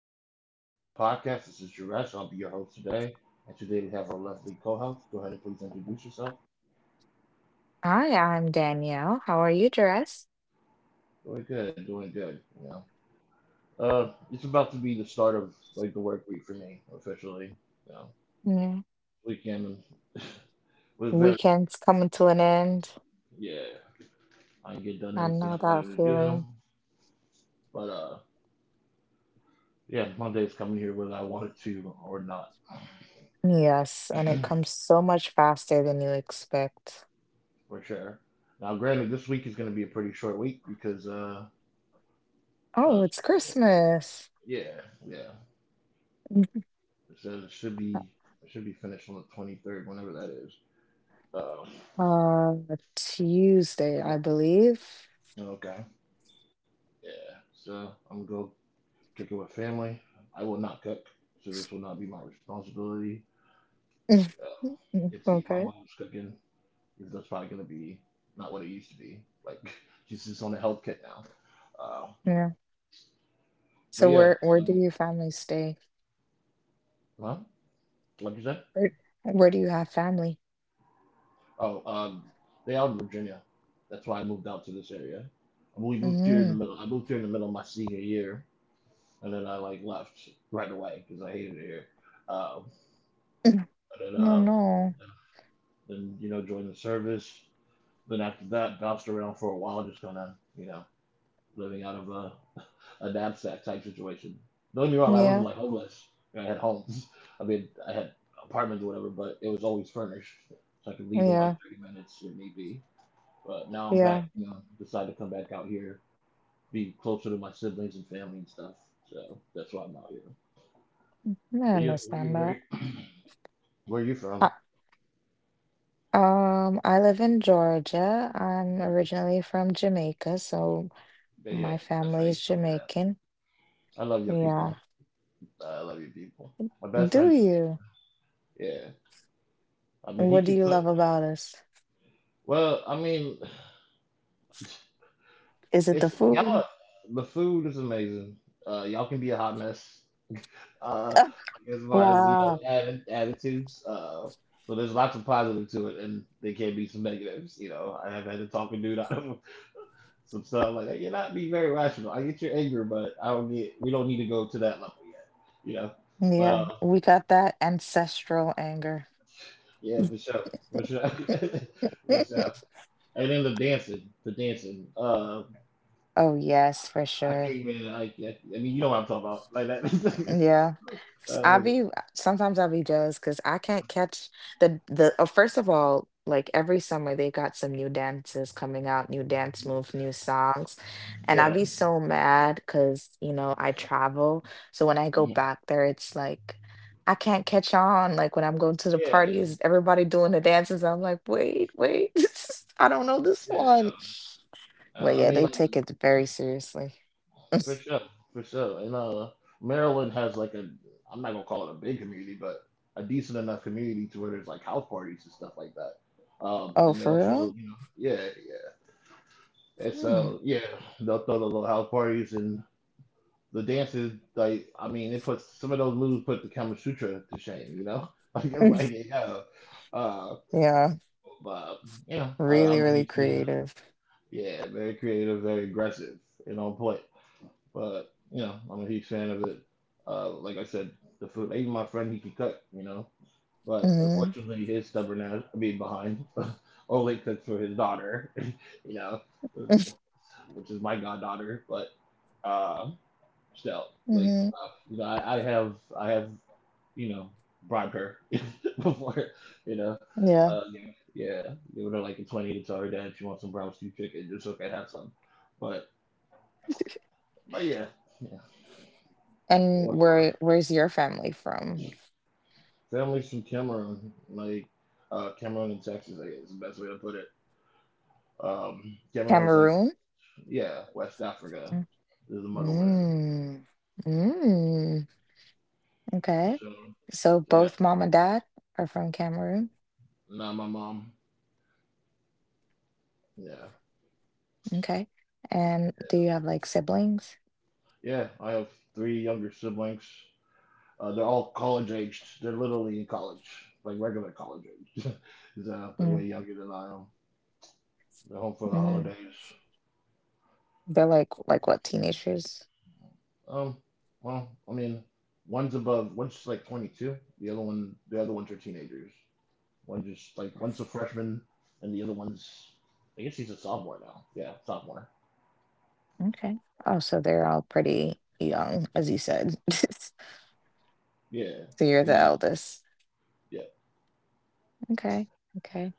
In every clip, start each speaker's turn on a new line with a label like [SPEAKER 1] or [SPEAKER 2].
[SPEAKER 1] and listening to my podcast. This is Juresh. I'll be your host today. And today we have our lovely co-host. Go ahead and please introduce yourself.
[SPEAKER 2] Hi, I'm Danielle. How are you, Jerez?
[SPEAKER 1] Doing good, doing good. It's about to be the start of like the work week for me officially. You know,
[SPEAKER 2] Yeah.
[SPEAKER 1] Weekend was very,
[SPEAKER 2] Weekend's coming to an end.
[SPEAKER 1] yeah. I didn't get done
[SPEAKER 2] I
[SPEAKER 1] everything
[SPEAKER 2] know
[SPEAKER 1] I wanted
[SPEAKER 2] that
[SPEAKER 1] to do,
[SPEAKER 2] feeling.
[SPEAKER 1] but yeah, Monday's coming here whether I wanted to or not.
[SPEAKER 2] Yes, and it comes so much faster than you expect.
[SPEAKER 1] For sure. Now, granted, this week is going to be a pretty short week because
[SPEAKER 2] Oh,
[SPEAKER 1] uh,
[SPEAKER 2] it's Christmas.
[SPEAKER 1] yeah, yeah.
[SPEAKER 2] Mhm.
[SPEAKER 1] It says it should be finished on the 23rd, whenever that is. Uh,
[SPEAKER 2] Tuesday, I believe.
[SPEAKER 1] Okay, yeah. So I'm gonna go kick it with family. I will not cook, so this will not be my responsibility.
[SPEAKER 2] Mm,
[SPEAKER 1] Uh,
[SPEAKER 2] mm, mm,
[SPEAKER 1] get to eat my
[SPEAKER 2] okay,
[SPEAKER 1] mom's cooking, because that's probably gonna be not what it used to be. Like, she's just on a health kit now. Uh,
[SPEAKER 2] yeah.
[SPEAKER 1] but
[SPEAKER 2] So
[SPEAKER 1] yeah,
[SPEAKER 2] where do
[SPEAKER 1] um,
[SPEAKER 2] your family stay?
[SPEAKER 1] huh? Like you said?
[SPEAKER 2] Where where do you have family?
[SPEAKER 1] Oh, they out in Virginia. That's why I moved out to this area. We moved here in the
[SPEAKER 2] Mm.
[SPEAKER 1] middle. I moved here in the middle of my senior year, and then I like left right away because I hated it here. Um, and then,
[SPEAKER 2] No,
[SPEAKER 1] uh,
[SPEAKER 2] no.
[SPEAKER 1] then you know, joined the service. Then after that, bounced around for a while, just kind of, you know, living out of a knapsack type situation. Don't get me wrong, I wasn't
[SPEAKER 2] Yeah,
[SPEAKER 1] like homeless. I had homes. I mean, I had apartments or whatever, but it was always furnished, so I could leave in like
[SPEAKER 2] yeah,
[SPEAKER 1] 30 minutes if need be. But now I'm back.
[SPEAKER 2] yeah.
[SPEAKER 1] Decided to come back out here, be closer to my siblings and family and stuff. So that's why I'm out here.
[SPEAKER 2] I
[SPEAKER 1] But yeah,
[SPEAKER 2] understand that.
[SPEAKER 1] where you from?
[SPEAKER 2] I live in Georgia. I'm
[SPEAKER 1] Georgia.
[SPEAKER 2] originally from Jamaica, so
[SPEAKER 1] But yeah,
[SPEAKER 2] my
[SPEAKER 1] that's right.
[SPEAKER 2] family
[SPEAKER 1] You
[SPEAKER 2] is
[SPEAKER 1] told me that.
[SPEAKER 2] Jamaican.
[SPEAKER 1] I love your
[SPEAKER 2] Yeah.
[SPEAKER 1] people. I love your people. My best friend
[SPEAKER 2] Do you?
[SPEAKER 1] Jermaine. Yeah. I mean, he
[SPEAKER 2] What do
[SPEAKER 1] can
[SPEAKER 2] you
[SPEAKER 1] put.
[SPEAKER 2] love about us?
[SPEAKER 1] Well, I mean,
[SPEAKER 2] Is it the
[SPEAKER 1] it's y'all.
[SPEAKER 2] food?
[SPEAKER 1] are- The food is amazing. Y'all can be a hot mess. Uh, as far as you know,
[SPEAKER 2] Wow.
[SPEAKER 1] attitudes. So there's lots of positives to it, and there can be some negatives. You know, I have had to talk a dude out of some stuff like that. You're not being very rational. I get your anger, but I don't get. We don't need to go to that level yet. You know, but
[SPEAKER 2] Yeah, we got that ancestral anger.
[SPEAKER 1] Yeah, for sure. For sure. For sure. And then the dancing, the dancing.
[SPEAKER 2] Oh, yes, for
[SPEAKER 1] I can't
[SPEAKER 2] sure.
[SPEAKER 1] even. I mean, you know what I'm talking about, like that.
[SPEAKER 2] Yeah. S-
[SPEAKER 1] Uh,
[SPEAKER 2] I be
[SPEAKER 1] like-
[SPEAKER 2] sometimes I be jealous because I can't catch the oh, first of all, like every summer they got some new dances coming out, new dance moves, new songs. And I
[SPEAKER 1] yeah.
[SPEAKER 2] be so mad because, I travel. So when I go
[SPEAKER 1] Mhm.
[SPEAKER 2] back there, it's like I can't catch on. Like when I'm going to the
[SPEAKER 1] Yeah.
[SPEAKER 2] parties, everybody doing the dances. I'm like, wait, wait, I don't know this
[SPEAKER 1] Yeah.
[SPEAKER 2] one. But
[SPEAKER 1] I
[SPEAKER 2] yeah,
[SPEAKER 1] mean,
[SPEAKER 2] they
[SPEAKER 1] like,
[SPEAKER 2] take it very seriously.
[SPEAKER 1] for sure, for sure. And Maryland has like a. I'm not gonna call it a big community, but a decent enough community to where there's like house parties and stuff like that.
[SPEAKER 2] Oh,
[SPEAKER 1] And then
[SPEAKER 2] for real?
[SPEAKER 1] also, yeah, yeah. And
[SPEAKER 2] Hmm.
[SPEAKER 1] so, yeah, they'll throw the little house parties and the dances. Like, I mean, it puts some of those moves, put the Kama Sutra to shame. It's like, uh,
[SPEAKER 2] Yeah.
[SPEAKER 1] but I,
[SPEAKER 2] Really,
[SPEAKER 1] I'm a
[SPEAKER 2] really
[SPEAKER 1] huge fan.
[SPEAKER 2] creative.
[SPEAKER 1] Yeah, very creative, very aggressive, and on point. But I'm a huge fan of it. Like I said, the food. Even my friend, he can cook. But
[SPEAKER 2] Mhm,
[SPEAKER 1] unfortunately, his stubborn ass, I mean, behind, only cooks for his daughter. you know, which is my goddaughter. But uh, still. Like,
[SPEAKER 2] mhm,
[SPEAKER 1] I have you know bribed her before. You know,
[SPEAKER 2] yeah,
[SPEAKER 1] uh, yeah, give her like a 20 to tell her dad if she wants some brown stew chicken, just so I can have some. But but yeah, yeah.
[SPEAKER 2] and
[SPEAKER 1] What, what,
[SPEAKER 2] where's your family from?
[SPEAKER 1] families from Cameroon, like Cameroon and Texas, I guess is the best way to put it. Cameroon is, like,
[SPEAKER 2] Cameroon?
[SPEAKER 1] yeah, West Africa is the motherland.
[SPEAKER 2] Mm, mm, mm, okay.
[SPEAKER 1] So,
[SPEAKER 2] So
[SPEAKER 1] so yeah,
[SPEAKER 2] both mom and dad are from Cameroon?
[SPEAKER 1] now my mom, yeah.
[SPEAKER 2] Okay, and do you have, like, siblings?
[SPEAKER 1] Yeah, I have three younger siblings. They're all college aged. They're literally in college, like regular college age. Is the way
[SPEAKER 2] Mm,
[SPEAKER 1] younger than I am. They're home for the
[SPEAKER 2] mm,
[SPEAKER 1] holidays.
[SPEAKER 2] they're like what, teenagers?
[SPEAKER 1] Um, well, I mean, one's above, one's like 22. The other ones are teenagers. One just like one's a freshman, and the other one's, I guess, he's a sophomore now. Yeah, sophomore.
[SPEAKER 2] Okay. Oh, so they're all pretty young, as you said.
[SPEAKER 1] Yeah,
[SPEAKER 2] So you're the
[SPEAKER 1] and
[SPEAKER 2] eldest.
[SPEAKER 1] yeah,
[SPEAKER 2] Okay. Okay.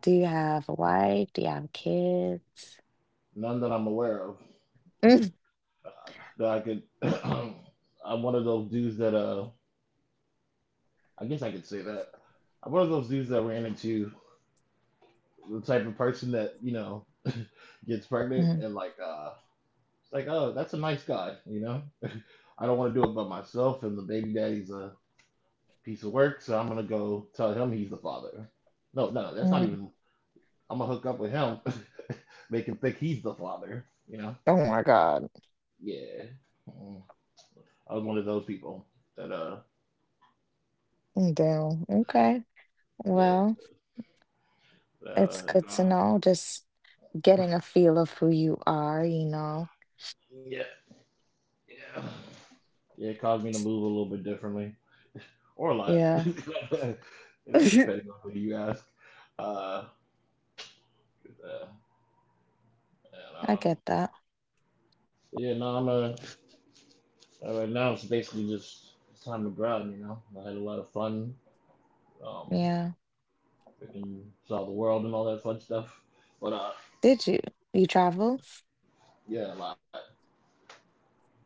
[SPEAKER 2] Do you have a wife? Do you have kids?
[SPEAKER 1] none that I'm aware of,
[SPEAKER 2] Mm,
[SPEAKER 1] uh, that I could. I'm one of those dudes that I guess I could say that. I'm one of those dudes that ran into the type of person that, gets pregnant
[SPEAKER 2] mm,
[SPEAKER 1] and like, it's like, oh, that's a nice guy, I don't want to do it by myself, and the baby daddy's a piece of work, so I'm gonna go tell him he's the father. No, no, that's not
[SPEAKER 2] mm.
[SPEAKER 1] even, I'm gonna hook up with him, make him think he's the father,
[SPEAKER 2] Oh my God.
[SPEAKER 1] yeah. Mm. I was one of those people that
[SPEAKER 2] Mm, damn. Okay.
[SPEAKER 1] yeah,
[SPEAKER 2] Well, it's good to
[SPEAKER 1] uh,
[SPEAKER 2] know. Just getting a feel of who you are.
[SPEAKER 1] yeah, yeah, yeah, it caused me to move a little bit differently, or a lot,
[SPEAKER 2] Yeah. I
[SPEAKER 1] depending on who you ask. Uh, uh, and
[SPEAKER 2] get that.
[SPEAKER 1] yeah, no, right now it's basically just. It's time to grind. I had a lot of fun, um,
[SPEAKER 2] Yeah.
[SPEAKER 1] and saw the world and all that fun stuff, but
[SPEAKER 2] Did you? You travel?
[SPEAKER 1] yeah, a lot.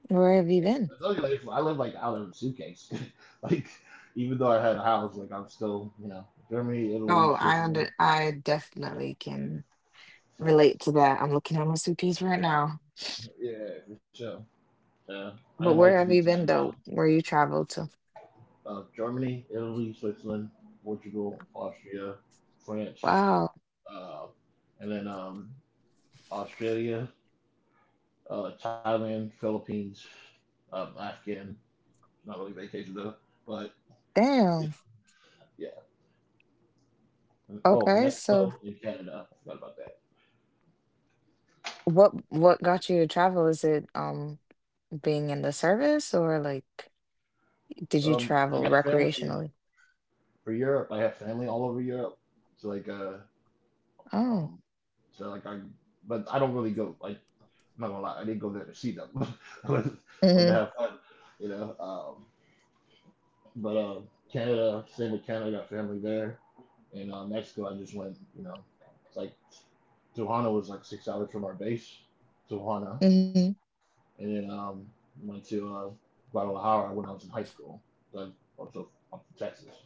[SPEAKER 2] Where have you been?
[SPEAKER 1] I told you, like, I live like out of a suitcase. Like, even though I had a house, like I'm still, Germany, Italy,
[SPEAKER 2] Oh,
[SPEAKER 1] Switzerland.
[SPEAKER 2] I definitely can relate to that. I'm looking at my suitcase right now.
[SPEAKER 1] Yeah, for sure. Yeah, I didn't
[SPEAKER 2] But
[SPEAKER 1] like to
[SPEAKER 2] where
[SPEAKER 1] be
[SPEAKER 2] have you
[SPEAKER 1] tied
[SPEAKER 2] been
[SPEAKER 1] down.
[SPEAKER 2] though? Where you traveled to?
[SPEAKER 1] Germany, Italy, Switzerland, Portugal, Austria, France,
[SPEAKER 2] Wow.
[SPEAKER 1] uh, and then Australia, Thailand, Philippines, Afghan. Not really vacation though, but yeah,
[SPEAKER 2] Damn.
[SPEAKER 1] yeah. Oh,
[SPEAKER 2] Okay, so
[SPEAKER 1] Mexico and Canada. I forgot about that.
[SPEAKER 2] what got you to travel? Is it being in the service or like did you
[SPEAKER 1] I got
[SPEAKER 2] travel
[SPEAKER 1] family
[SPEAKER 2] recreationally?
[SPEAKER 1] for Europe. I have family all over Europe. So like, uh,
[SPEAKER 2] Oh.
[SPEAKER 1] um, so like I, but I don't really go. Like, I'm not gonna lie, I didn't go there to see them, or to
[SPEAKER 2] Mm-hmm.
[SPEAKER 1] have fun. You know. Um, But Canada, same with Canada, got family there. And Mexico, I just went, you know, it's like Tijuana was like 6 hours from our base, Tijuana.
[SPEAKER 2] Mm-hmm.
[SPEAKER 1] And then went to Guadalajara when I was in high school. So I'm Texas.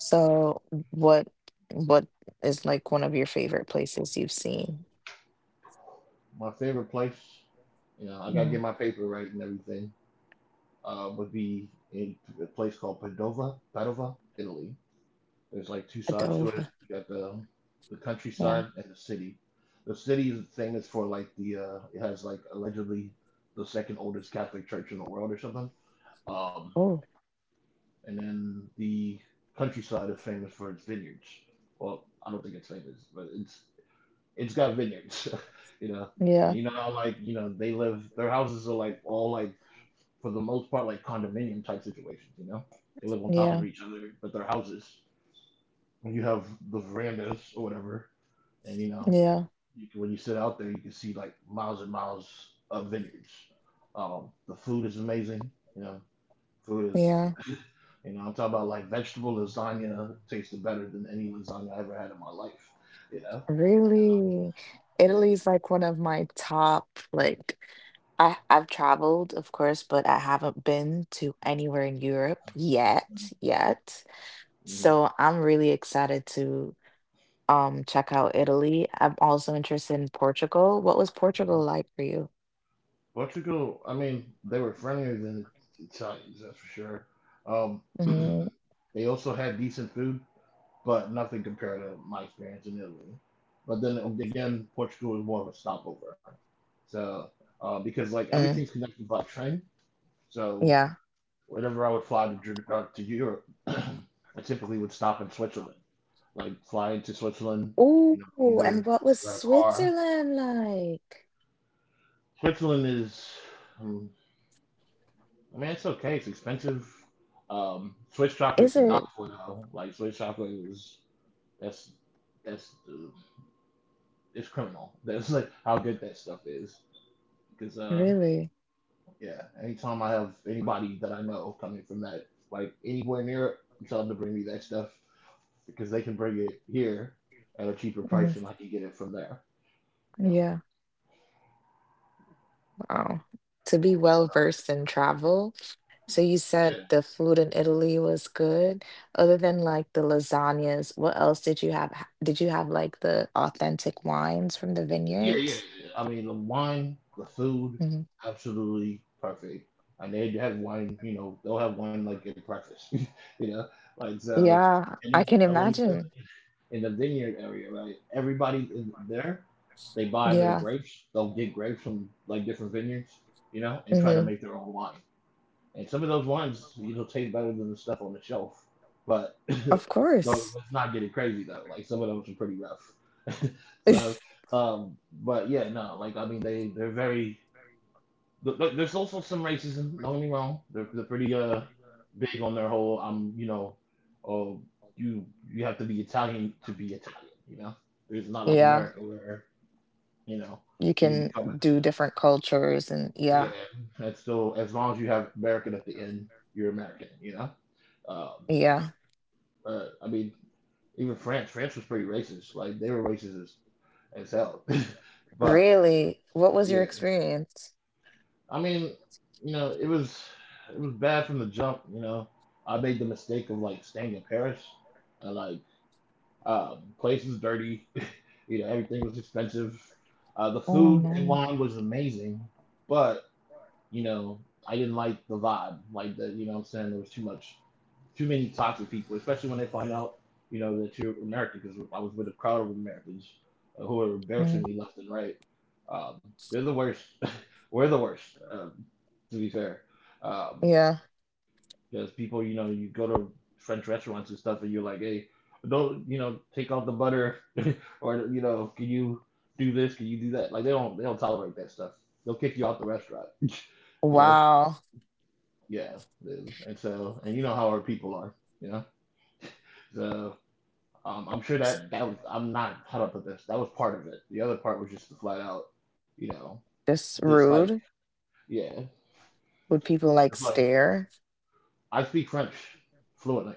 [SPEAKER 2] So what what is like one of your favorite places you've seen?
[SPEAKER 1] My favorite place, I got to
[SPEAKER 2] Mm-hmm.
[SPEAKER 1] get my paper right and everything, would be in a place called Padova, Padova, Italy. There's like two sides to it.
[SPEAKER 2] Padova.
[SPEAKER 1] You got the
[SPEAKER 2] Yeah.
[SPEAKER 1] countryside and the city. The city is famous for like the it has like allegedly the second oldest Catholic church in the world or something. Um,
[SPEAKER 2] Oh.
[SPEAKER 1] and then the countryside is famous for its vineyards. Well, I don't think it's famous, but it's got vineyards. you know. And
[SPEAKER 2] Yeah.
[SPEAKER 1] you know how, like, they live, their houses are like all like, for the most part, like condominium type situations. They live on top
[SPEAKER 2] Yeah.
[SPEAKER 1] of each other, but their houses, when you have the verandas or whatever, and
[SPEAKER 2] Yeah.
[SPEAKER 1] you can, when you sit out there, you can see like miles and miles of vineyards. The food is amazing. You know, food is,
[SPEAKER 2] Yeah.
[SPEAKER 1] you know, I'm talking about like vegetable lasagna tasted better than any lasagna I ever had in my life. You know, um,
[SPEAKER 2] Really?
[SPEAKER 1] yeah.
[SPEAKER 2] Italy's like one of my top like I've traveled, of course, but I haven't been to anywhere in Europe yet, yet.
[SPEAKER 1] Hmm.
[SPEAKER 2] So I'm really excited to check out Italy. I'm also interested in Portugal. What was Portugal like for you?
[SPEAKER 1] Portugal, I mean, they were friendlier than the Italians, that's for sure. Um,
[SPEAKER 2] Mm,
[SPEAKER 1] they also had decent food, but nothing compared to my experience in Italy. But then again, Portugal is more of a stopover. So because like everything's
[SPEAKER 2] mm,
[SPEAKER 1] connected by train, so
[SPEAKER 2] yeah.
[SPEAKER 1] whenever I would fly to to Europe, I typically would stop in Switzerland, like fly into Switzerland,
[SPEAKER 2] Ooh, and
[SPEAKER 1] either
[SPEAKER 2] what was
[SPEAKER 1] rent a car.
[SPEAKER 2] Switzerland like?
[SPEAKER 1] Switzerland is, um, I mean, it's okay. It's expensive. Swiss
[SPEAKER 2] Is
[SPEAKER 1] chocolate is to die
[SPEAKER 2] it
[SPEAKER 1] for though. Like, Swiss chocolate is that's that's it's criminal. That's like how good that stuff is. Because
[SPEAKER 2] really?
[SPEAKER 1] yeah, anytime I have anybody that I know coming from that, like anywhere in Europe, I tell them to bring me that stuff because they can bring it here at a cheaper
[SPEAKER 2] Mm,
[SPEAKER 1] price than I can get it from there. You know.
[SPEAKER 2] yeah. Wow. To be well versed in travel. So you said
[SPEAKER 1] Yeah,
[SPEAKER 2] the food in Italy was good. Other than like the lasagnas, what else did you have? Did you have like the authentic wines from the
[SPEAKER 1] yeah, yeah.
[SPEAKER 2] vineyards?
[SPEAKER 1] Yeah. I mean, the wine, the food,
[SPEAKER 2] Mhm.
[SPEAKER 1] absolutely perfect. And they have wine, they'll have wine like at breakfast, you know, like so.
[SPEAKER 2] Yeah,
[SPEAKER 1] And then
[SPEAKER 2] I can
[SPEAKER 1] I went
[SPEAKER 2] imagine.
[SPEAKER 1] in the vineyard area, right? Everybody is there. They buy their
[SPEAKER 2] Yeah.
[SPEAKER 1] grapes. They'll get grapes from like different vineyards, and try to
[SPEAKER 2] Hmm.
[SPEAKER 1] make their own wine. And some of those wines, taste better than the stuff on the shelf. But
[SPEAKER 2] Of
[SPEAKER 1] no,
[SPEAKER 2] course.
[SPEAKER 1] let's not get it crazy though. Like some of those are pretty rough. so, um, but yeah, no, like I mean, they're very. Look, there's also some racism. Don't get me wrong. They're pretty big on their whole. I'm, oh, you you have to be Italian to be Italian. You know, it's not like
[SPEAKER 2] Yeah.
[SPEAKER 1] America where you know
[SPEAKER 2] You
[SPEAKER 1] you
[SPEAKER 2] can
[SPEAKER 1] become.
[SPEAKER 2] do different cultures and
[SPEAKER 1] Yeah,
[SPEAKER 2] yeah.
[SPEAKER 1] and so as long as you have American at the end, you're American. You know, um,
[SPEAKER 2] Yeah.
[SPEAKER 1] but I mean, even France was pretty racist. Like they were racist as hell. but
[SPEAKER 2] Really? What was
[SPEAKER 1] yeah.
[SPEAKER 2] your experience?
[SPEAKER 1] I mean, you know, it was bad from the jump. You know, I made the mistake of like staying in Paris, and place was dirty. you know, everything was expensive. The
[SPEAKER 2] Oh
[SPEAKER 1] food and
[SPEAKER 2] no.
[SPEAKER 1] wine was amazing, but you know, I didn't like the vibe. Like the, you know, what I'm saying, there was too many toxic people, especially when they find out, you know, that you're American. Because I was with a crowd of Americans who are embarrassing
[SPEAKER 2] Mm.
[SPEAKER 1] me left and right. They're the worst. We're the worst, um, to be fair. Um,
[SPEAKER 2] Yeah.
[SPEAKER 1] because people, you know, you go to French restaurants and stuff, and you're like, hey, don't, you know, take off the butter, or you know, can you do this? Can you do that? Like they don't tolerate that stuff. They'll kick you out the restaurant. you know,
[SPEAKER 2] Wow.
[SPEAKER 1] yeah. And so, and you know how our people are. You know, so. I'm sure that that was, I'm not caught up with this, that was part of it. The other part was just the flat out, you know,
[SPEAKER 2] Just
[SPEAKER 1] this like,
[SPEAKER 2] rude.
[SPEAKER 1] yeah,
[SPEAKER 2] Would people like
[SPEAKER 1] it's like,
[SPEAKER 2] stare?
[SPEAKER 1] I speak French fluently,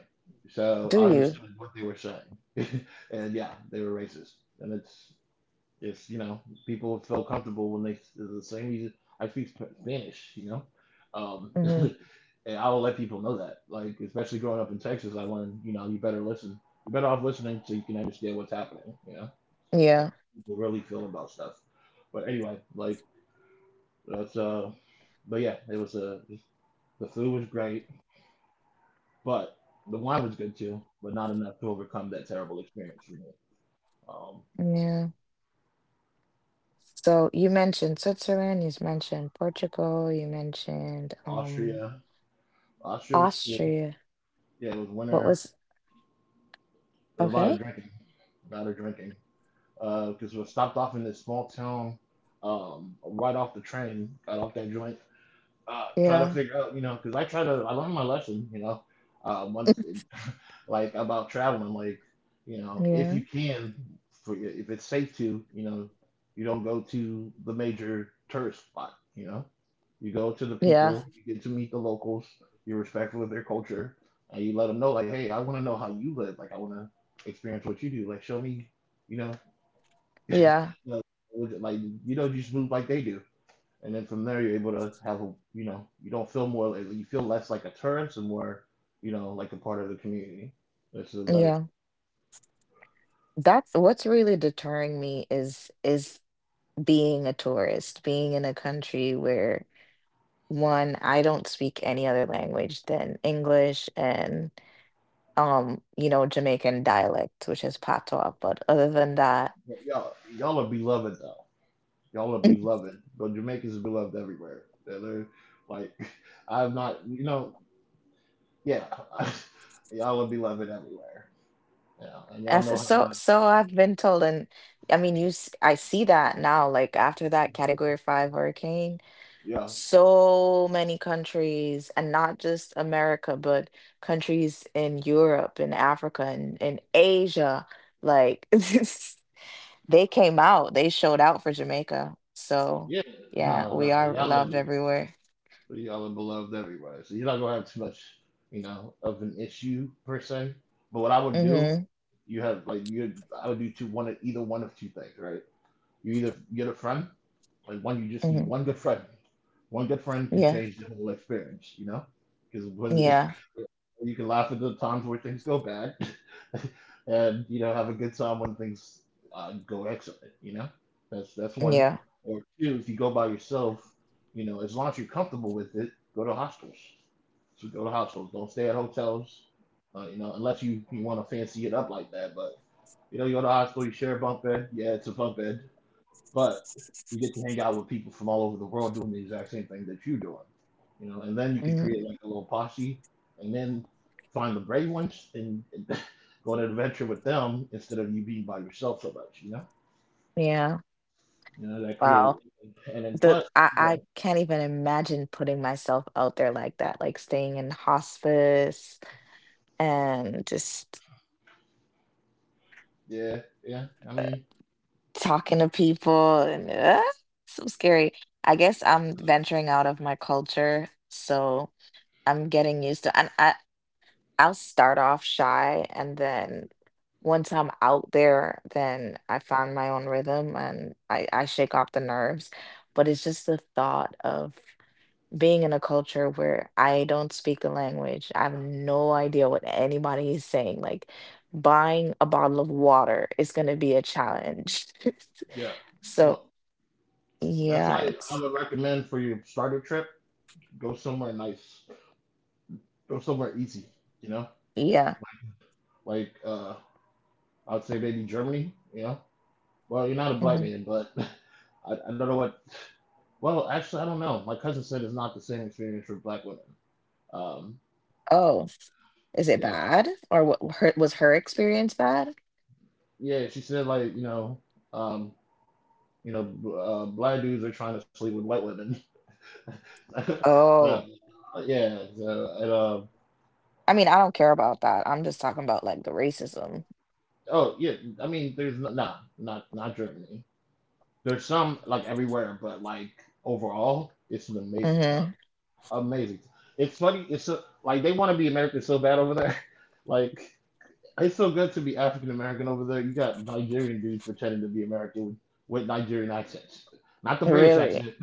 [SPEAKER 1] so
[SPEAKER 2] Do
[SPEAKER 1] I
[SPEAKER 2] you?
[SPEAKER 1] understood what they were saying, and yeah, they were racist, and it's you know people feel comfortable when they, it's the same reason I speak Spanish, you know. Um,
[SPEAKER 2] Mhm.
[SPEAKER 1] and I will let people know that, like especially growing up in Texas, I learned, you know you better listen, you're better off listening so you can understand what's happening, you know
[SPEAKER 2] Yeah,
[SPEAKER 1] people really feel about stuff. But anyway, like that's but yeah, it was a, the food was great, but the wine was good too, but not enough to overcome that terrible experience for me. Um,
[SPEAKER 2] yeah. So you mentioned Switzerland, you mentioned Portugal, you mentioned
[SPEAKER 1] Austria, Austria was cool.
[SPEAKER 2] Austria.
[SPEAKER 1] Yeah, it was
[SPEAKER 2] What
[SPEAKER 1] winter.
[SPEAKER 2] was
[SPEAKER 1] There was a lot of
[SPEAKER 2] okay?
[SPEAKER 1] drinking, a lot of drinking. Because we stopped off in this small town, right off the train, got off that joint. Try to
[SPEAKER 2] Yeah.
[SPEAKER 1] figure out, you know, because I try to, I learned my lesson, you know. Once, like, about traveling. Like, you know, if you
[SPEAKER 2] Yeah.
[SPEAKER 1] can, for, if it's safe to, you know, you don't go to the major tourist spot. You know, you go to the
[SPEAKER 2] Yeah.
[SPEAKER 1] people, you get to meet the locals, you're respectful of their culture, and you let them know, like, hey, I want to know how you live. Like, I want to experience what you do. Like, show me, you know,
[SPEAKER 2] Yeah.
[SPEAKER 1] like, like, you don't just move like they do. And then from there, you're able to have, a, you know, you don't feel more, like- you feel less like a tourist and more, you know, like a part of the community. That's a better.
[SPEAKER 2] Yeah. That's what's really deterring me is being a tourist, being in a country where one, I don't speak any other language than English and Jamaican dialect, which is patois, but other than that.
[SPEAKER 1] But y'all are beloved though. Y'all are beloved. But Jamaicans are beloved everywhere. They're like, I'm not, you know, yeah. y'all are beloved everywhere. Yeah, and y'all
[SPEAKER 2] As
[SPEAKER 1] know how
[SPEAKER 2] so
[SPEAKER 1] to,
[SPEAKER 2] so I've been told, and I mean, I see that now. Like after that Category Five hurricane,
[SPEAKER 1] yeah,
[SPEAKER 2] so many countries, and not just America, but countries in Europe and Africa and in Asia, like they came out, they showed out for Jamaica. So
[SPEAKER 1] yeah.
[SPEAKER 2] yeah,
[SPEAKER 1] No, no,
[SPEAKER 2] we are
[SPEAKER 1] y'all
[SPEAKER 2] loved
[SPEAKER 1] are,
[SPEAKER 2] everywhere.
[SPEAKER 1] beloved everywhere. So you're not gonna have too much, you know, of an issue per se. But what I would do,
[SPEAKER 2] Mm-hmm.
[SPEAKER 1] you have like you, I would do two, one of either one of two things, right? You either get a friend. Like one, you just
[SPEAKER 2] Mm-hmm.
[SPEAKER 1] need one good friend. One good friend can
[SPEAKER 2] Yeah.
[SPEAKER 1] change the whole experience, you know? Because
[SPEAKER 2] Yeah.
[SPEAKER 1] you can laugh at the times where things go bad, and you know have a good time when things go excellent. You know, that's one.
[SPEAKER 2] Yeah.
[SPEAKER 1] Or two, if you go by yourself, you know, as long as you're comfortable with it, go to hostels. So go to hostels. Don't stay at hotels. You know, unless you want to fancy it up like that. But you know, you go to a hostel, you share a bunk bed. Yeah, it's a bunk bed, but you get to hang out with people from all over the world doing the exact same thing that you're doing, you know. And then you could
[SPEAKER 2] Hmm.
[SPEAKER 1] create like a little posse, and then find the brave ones and go on an adventure with them instead of you being by yourself so much, you know.
[SPEAKER 2] Yeah.
[SPEAKER 1] You know that create,
[SPEAKER 2] Wow.
[SPEAKER 1] and then
[SPEAKER 2] The
[SPEAKER 1] plus,
[SPEAKER 2] I
[SPEAKER 1] you,
[SPEAKER 2] can't even imagine putting myself out there like that, like staying in hospice and just
[SPEAKER 1] yeah, yeah. I mean,
[SPEAKER 2] talking to people and so scary. I guess I'm venturing out of my culture, so I'm getting used to and I'll start off shy and then once I'm out there, then I find my own rhythm and I shake off the nerves. But it's just the thought of being in a culture where I don't speak the language, I have no idea what anybody is saying. Like buying a bottle of water is going to be a challenge.
[SPEAKER 1] yeah.
[SPEAKER 2] So,
[SPEAKER 1] Well, that's
[SPEAKER 2] yeah,
[SPEAKER 1] why I
[SPEAKER 2] it's
[SPEAKER 1] would recommend for your starter trip, go somewhere nice, go somewhere easy, you know.
[SPEAKER 2] yeah.
[SPEAKER 1] Like I'd say maybe Germany, you know. Well, you're not a black
[SPEAKER 2] Hmm.
[SPEAKER 1] man, but I don't know what. Well, actually, I don't know. My cousin said it's not the same experience for black women. Um,
[SPEAKER 2] Oh, is it
[SPEAKER 1] yeah,
[SPEAKER 2] bad? Or was her experience bad?
[SPEAKER 1] she, said like um, you know, black dudes are trying to sleep with white women. so,
[SPEAKER 2] Oh,
[SPEAKER 1] yeah, so, and,
[SPEAKER 2] I mean, I don't care about that. I'm just talking about like the racism.
[SPEAKER 1] oh yeah, I mean, there's no, nah, not Germany. There's some like everywhere, but like overall, it's an amazing time.
[SPEAKER 2] Hmm.
[SPEAKER 1] Amazing. It's funny. It's so, like they want to be American so bad over there, like. It's so good to be African American over there. You got Nigerian dudes pretending to be American with Nigerian accents, not the British
[SPEAKER 2] Really?
[SPEAKER 1] accent,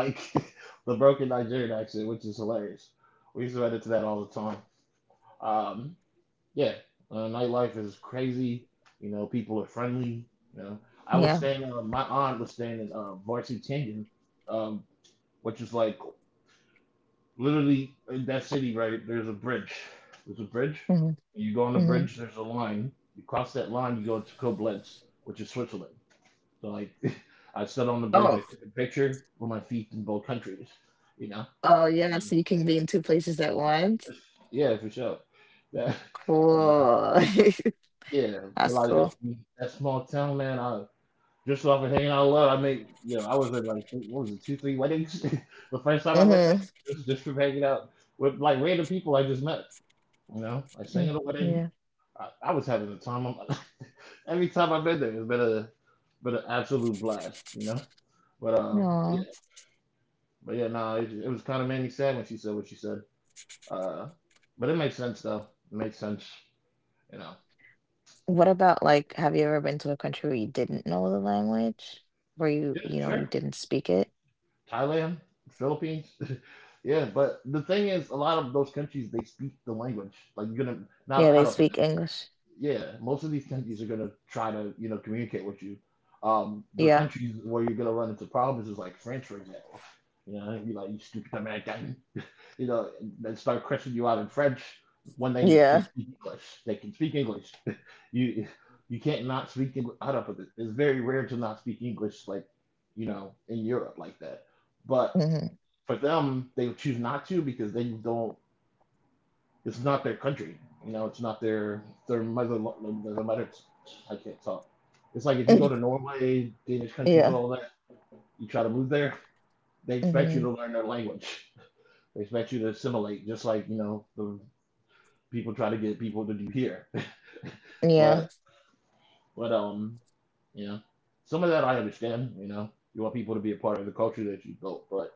[SPEAKER 1] like the broken Nigerian accent, which is hilarious. We used to run into that all the time. Um, yeah, nightlife is crazy. You know, people are friendly. You know, I was
[SPEAKER 2] Yeah.
[SPEAKER 1] staying. My aunt was staying in Varsity Canyon, um, which is like, literally in that city, right? There's a bridge. There's a bridge.
[SPEAKER 2] Hmm.
[SPEAKER 1] You go on the
[SPEAKER 2] Hmm.
[SPEAKER 1] bridge. There's a line. You cross that line. You go to Koblenz, which is Switzerland. So like, I stood on the bridge.
[SPEAKER 2] Oh,
[SPEAKER 1] I took a picture with my feet in both countries. You know.
[SPEAKER 2] oh yeah. So you
[SPEAKER 1] Um,
[SPEAKER 2] can be in two places at once.
[SPEAKER 1] yeah, for sure. That,
[SPEAKER 2] Cool.
[SPEAKER 1] yeah, but
[SPEAKER 2] That's
[SPEAKER 1] like I
[SPEAKER 2] cool.
[SPEAKER 1] mean, that small town, man. I, just off of hanging out low, I made, you know, I was at like, what was it, two, three weddings. The first time I went there,
[SPEAKER 2] Mm-hmm.
[SPEAKER 1] just from hanging out with like random people I just met. You know, like sang at a
[SPEAKER 2] Yeah.
[SPEAKER 1] wedding. I was having the time of my Every time I've been there, it's been an absolute blast. You know, but yeah,
[SPEAKER 2] No.
[SPEAKER 1] but yeah, nah, it was kind of made me sad when she said what she said. Uh, but it makes sense though. It makes sense. You know.
[SPEAKER 2] What about like, have you ever been to a country where you didn't know the language? Where you,
[SPEAKER 1] Yeah,
[SPEAKER 2] you
[SPEAKER 1] sure.
[SPEAKER 2] didn't speak it?
[SPEAKER 1] Thailand, Philippines. yeah, but the thing is, a lot of those countries, they speak the language. Like you're gonna,
[SPEAKER 2] Yeah,
[SPEAKER 1] not how
[SPEAKER 2] they
[SPEAKER 1] to,
[SPEAKER 2] speak English.
[SPEAKER 1] yeah, most of these countries are gonna try to you know communicate with you. The
[SPEAKER 2] Yeah.
[SPEAKER 1] countries where you're gonna run into problems is like France, for example. You know, you, like, you stupid American. You know, they start cursing you out in French when they
[SPEAKER 2] Yeah.
[SPEAKER 1] can speak English. They can speak English. you you can't not speak English. Out of it, it's very rare to not speak English, like you know, in Europe like that. But
[SPEAKER 2] Mm-hmm.
[SPEAKER 1] for them, they choose not to because they don't. It's not their country. You know, it's not their mother. I can't talk. It's like if you go to Norway, Danish countries,
[SPEAKER 2] Yeah.
[SPEAKER 1] all that, you try to move there, they expect
[SPEAKER 2] Mm-hmm.
[SPEAKER 1] you to learn their language. They expect you to assimilate, just like you know the people try to get people to do here.
[SPEAKER 2] Yeah.
[SPEAKER 1] But but you know, some of that I understand. You know, you want people to be a part of the culture that you built, but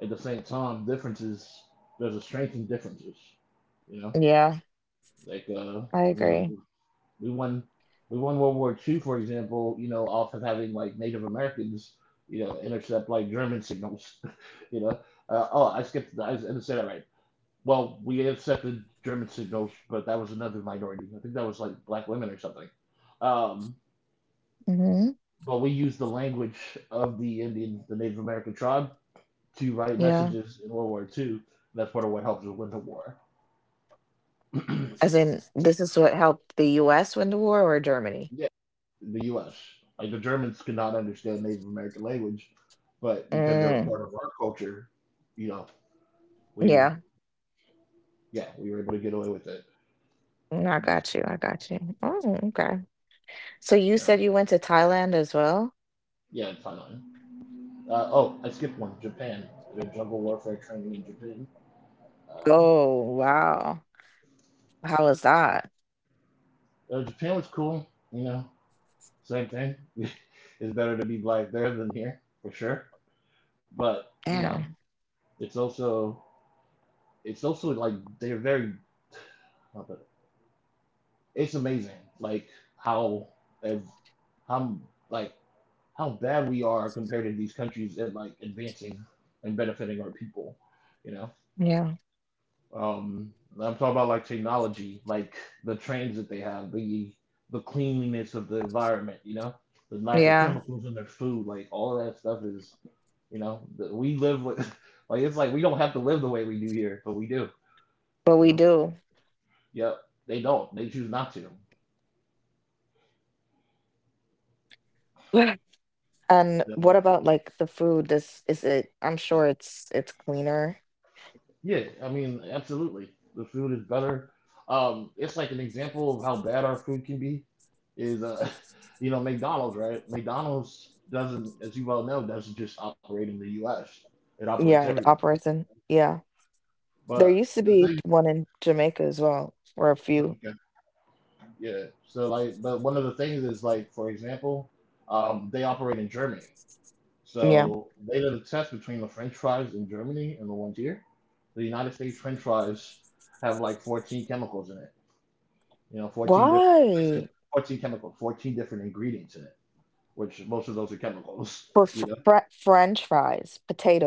[SPEAKER 1] at the same time, differences. There's a strength in differences. You know,
[SPEAKER 2] Yeah.
[SPEAKER 1] like
[SPEAKER 2] I
[SPEAKER 1] you know, like,
[SPEAKER 2] agree.
[SPEAKER 1] We won we won World War II, for example, you know, off of having like Native Americans, you know, intercept like German signals, you know. Oh, I skipped. I didn't say that right. Well, we intercepted German signals, but that was another minority. I think that was like black women or something. Um,
[SPEAKER 2] Mm-hmm.
[SPEAKER 1] but we used the language of the Indian, the Native American tribe, to write
[SPEAKER 2] Yeah.
[SPEAKER 1] messages in World War II. That's part of what helps us win the war.
[SPEAKER 2] As in, this is what helped the US win the war or Germany?
[SPEAKER 1] Yeah. The U.S. Like the Germans could not understand Native American language, but because they were
[SPEAKER 2] Mm.
[SPEAKER 1] part of our culture, you know, we
[SPEAKER 2] Yeah.
[SPEAKER 1] yeah we were able to get away with it.
[SPEAKER 2] Mm, I
[SPEAKER 1] It just-
[SPEAKER 2] got you. I got you. Oh, okay. So you
[SPEAKER 1] yeah,
[SPEAKER 2] said you went to Thailand as well?
[SPEAKER 1] yeah, it's fine. Oh, I skipped one. Japan. We had jungle warfare training in Japan. Uh,
[SPEAKER 2] Oh, wow. How is that?
[SPEAKER 1] Japan was cool. You know, same thing. It's better to be black there than here for sure. But you know,
[SPEAKER 2] Damn.
[SPEAKER 1] it's also it's also like they're very. It's amazing, like how ev- how like how bad we are compared to these countries at like advancing and benefiting our people. You know,
[SPEAKER 2] Yeah.
[SPEAKER 1] I'm talking about like technology, like the trains that they have, the cleanliness of the environment. You know, the lack of
[SPEAKER 2] Yeah.
[SPEAKER 1] chemicals in their food, like all of that stuff is, you know, that we live with. Like it's like we don't have to live the way we do here, but we do.
[SPEAKER 2] But
[SPEAKER 1] You
[SPEAKER 2] we
[SPEAKER 1] know,
[SPEAKER 2] do.
[SPEAKER 1] yep, they don't. They choose not to.
[SPEAKER 2] And what about like the food? This is it, I'm sure it's cleaner.
[SPEAKER 1] Yeah, I mean, absolutely. The food is better. It's like an example of how bad our food can be is you know, McDonald's, right? McDonald's doesn't, as you well know, doesn't just operate in the U.S. It operates
[SPEAKER 2] Yeah, it
[SPEAKER 1] everywhere.
[SPEAKER 2] operates in. Yeah. There
[SPEAKER 1] But
[SPEAKER 2] used to
[SPEAKER 1] the
[SPEAKER 2] be
[SPEAKER 1] thing,
[SPEAKER 2] one in Jamaica as well, or a few.
[SPEAKER 1] okay, yeah. So like, but one of the things is like, for example, they operate in Germany.
[SPEAKER 2] Yeah.
[SPEAKER 1] So they did a test between the French fries in Germany and the ones here. The United States French fries have like 14 chemicals in it. You know, 14 different, like I said,
[SPEAKER 2] Why?
[SPEAKER 1] 14 chemical, 14 different ingredients in it, which most of those are
[SPEAKER 2] For
[SPEAKER 1] chemicals,
[SPEAKER 2] fr
[SPEAKER 1] you know,
[SPEAKER 2] fr French fries,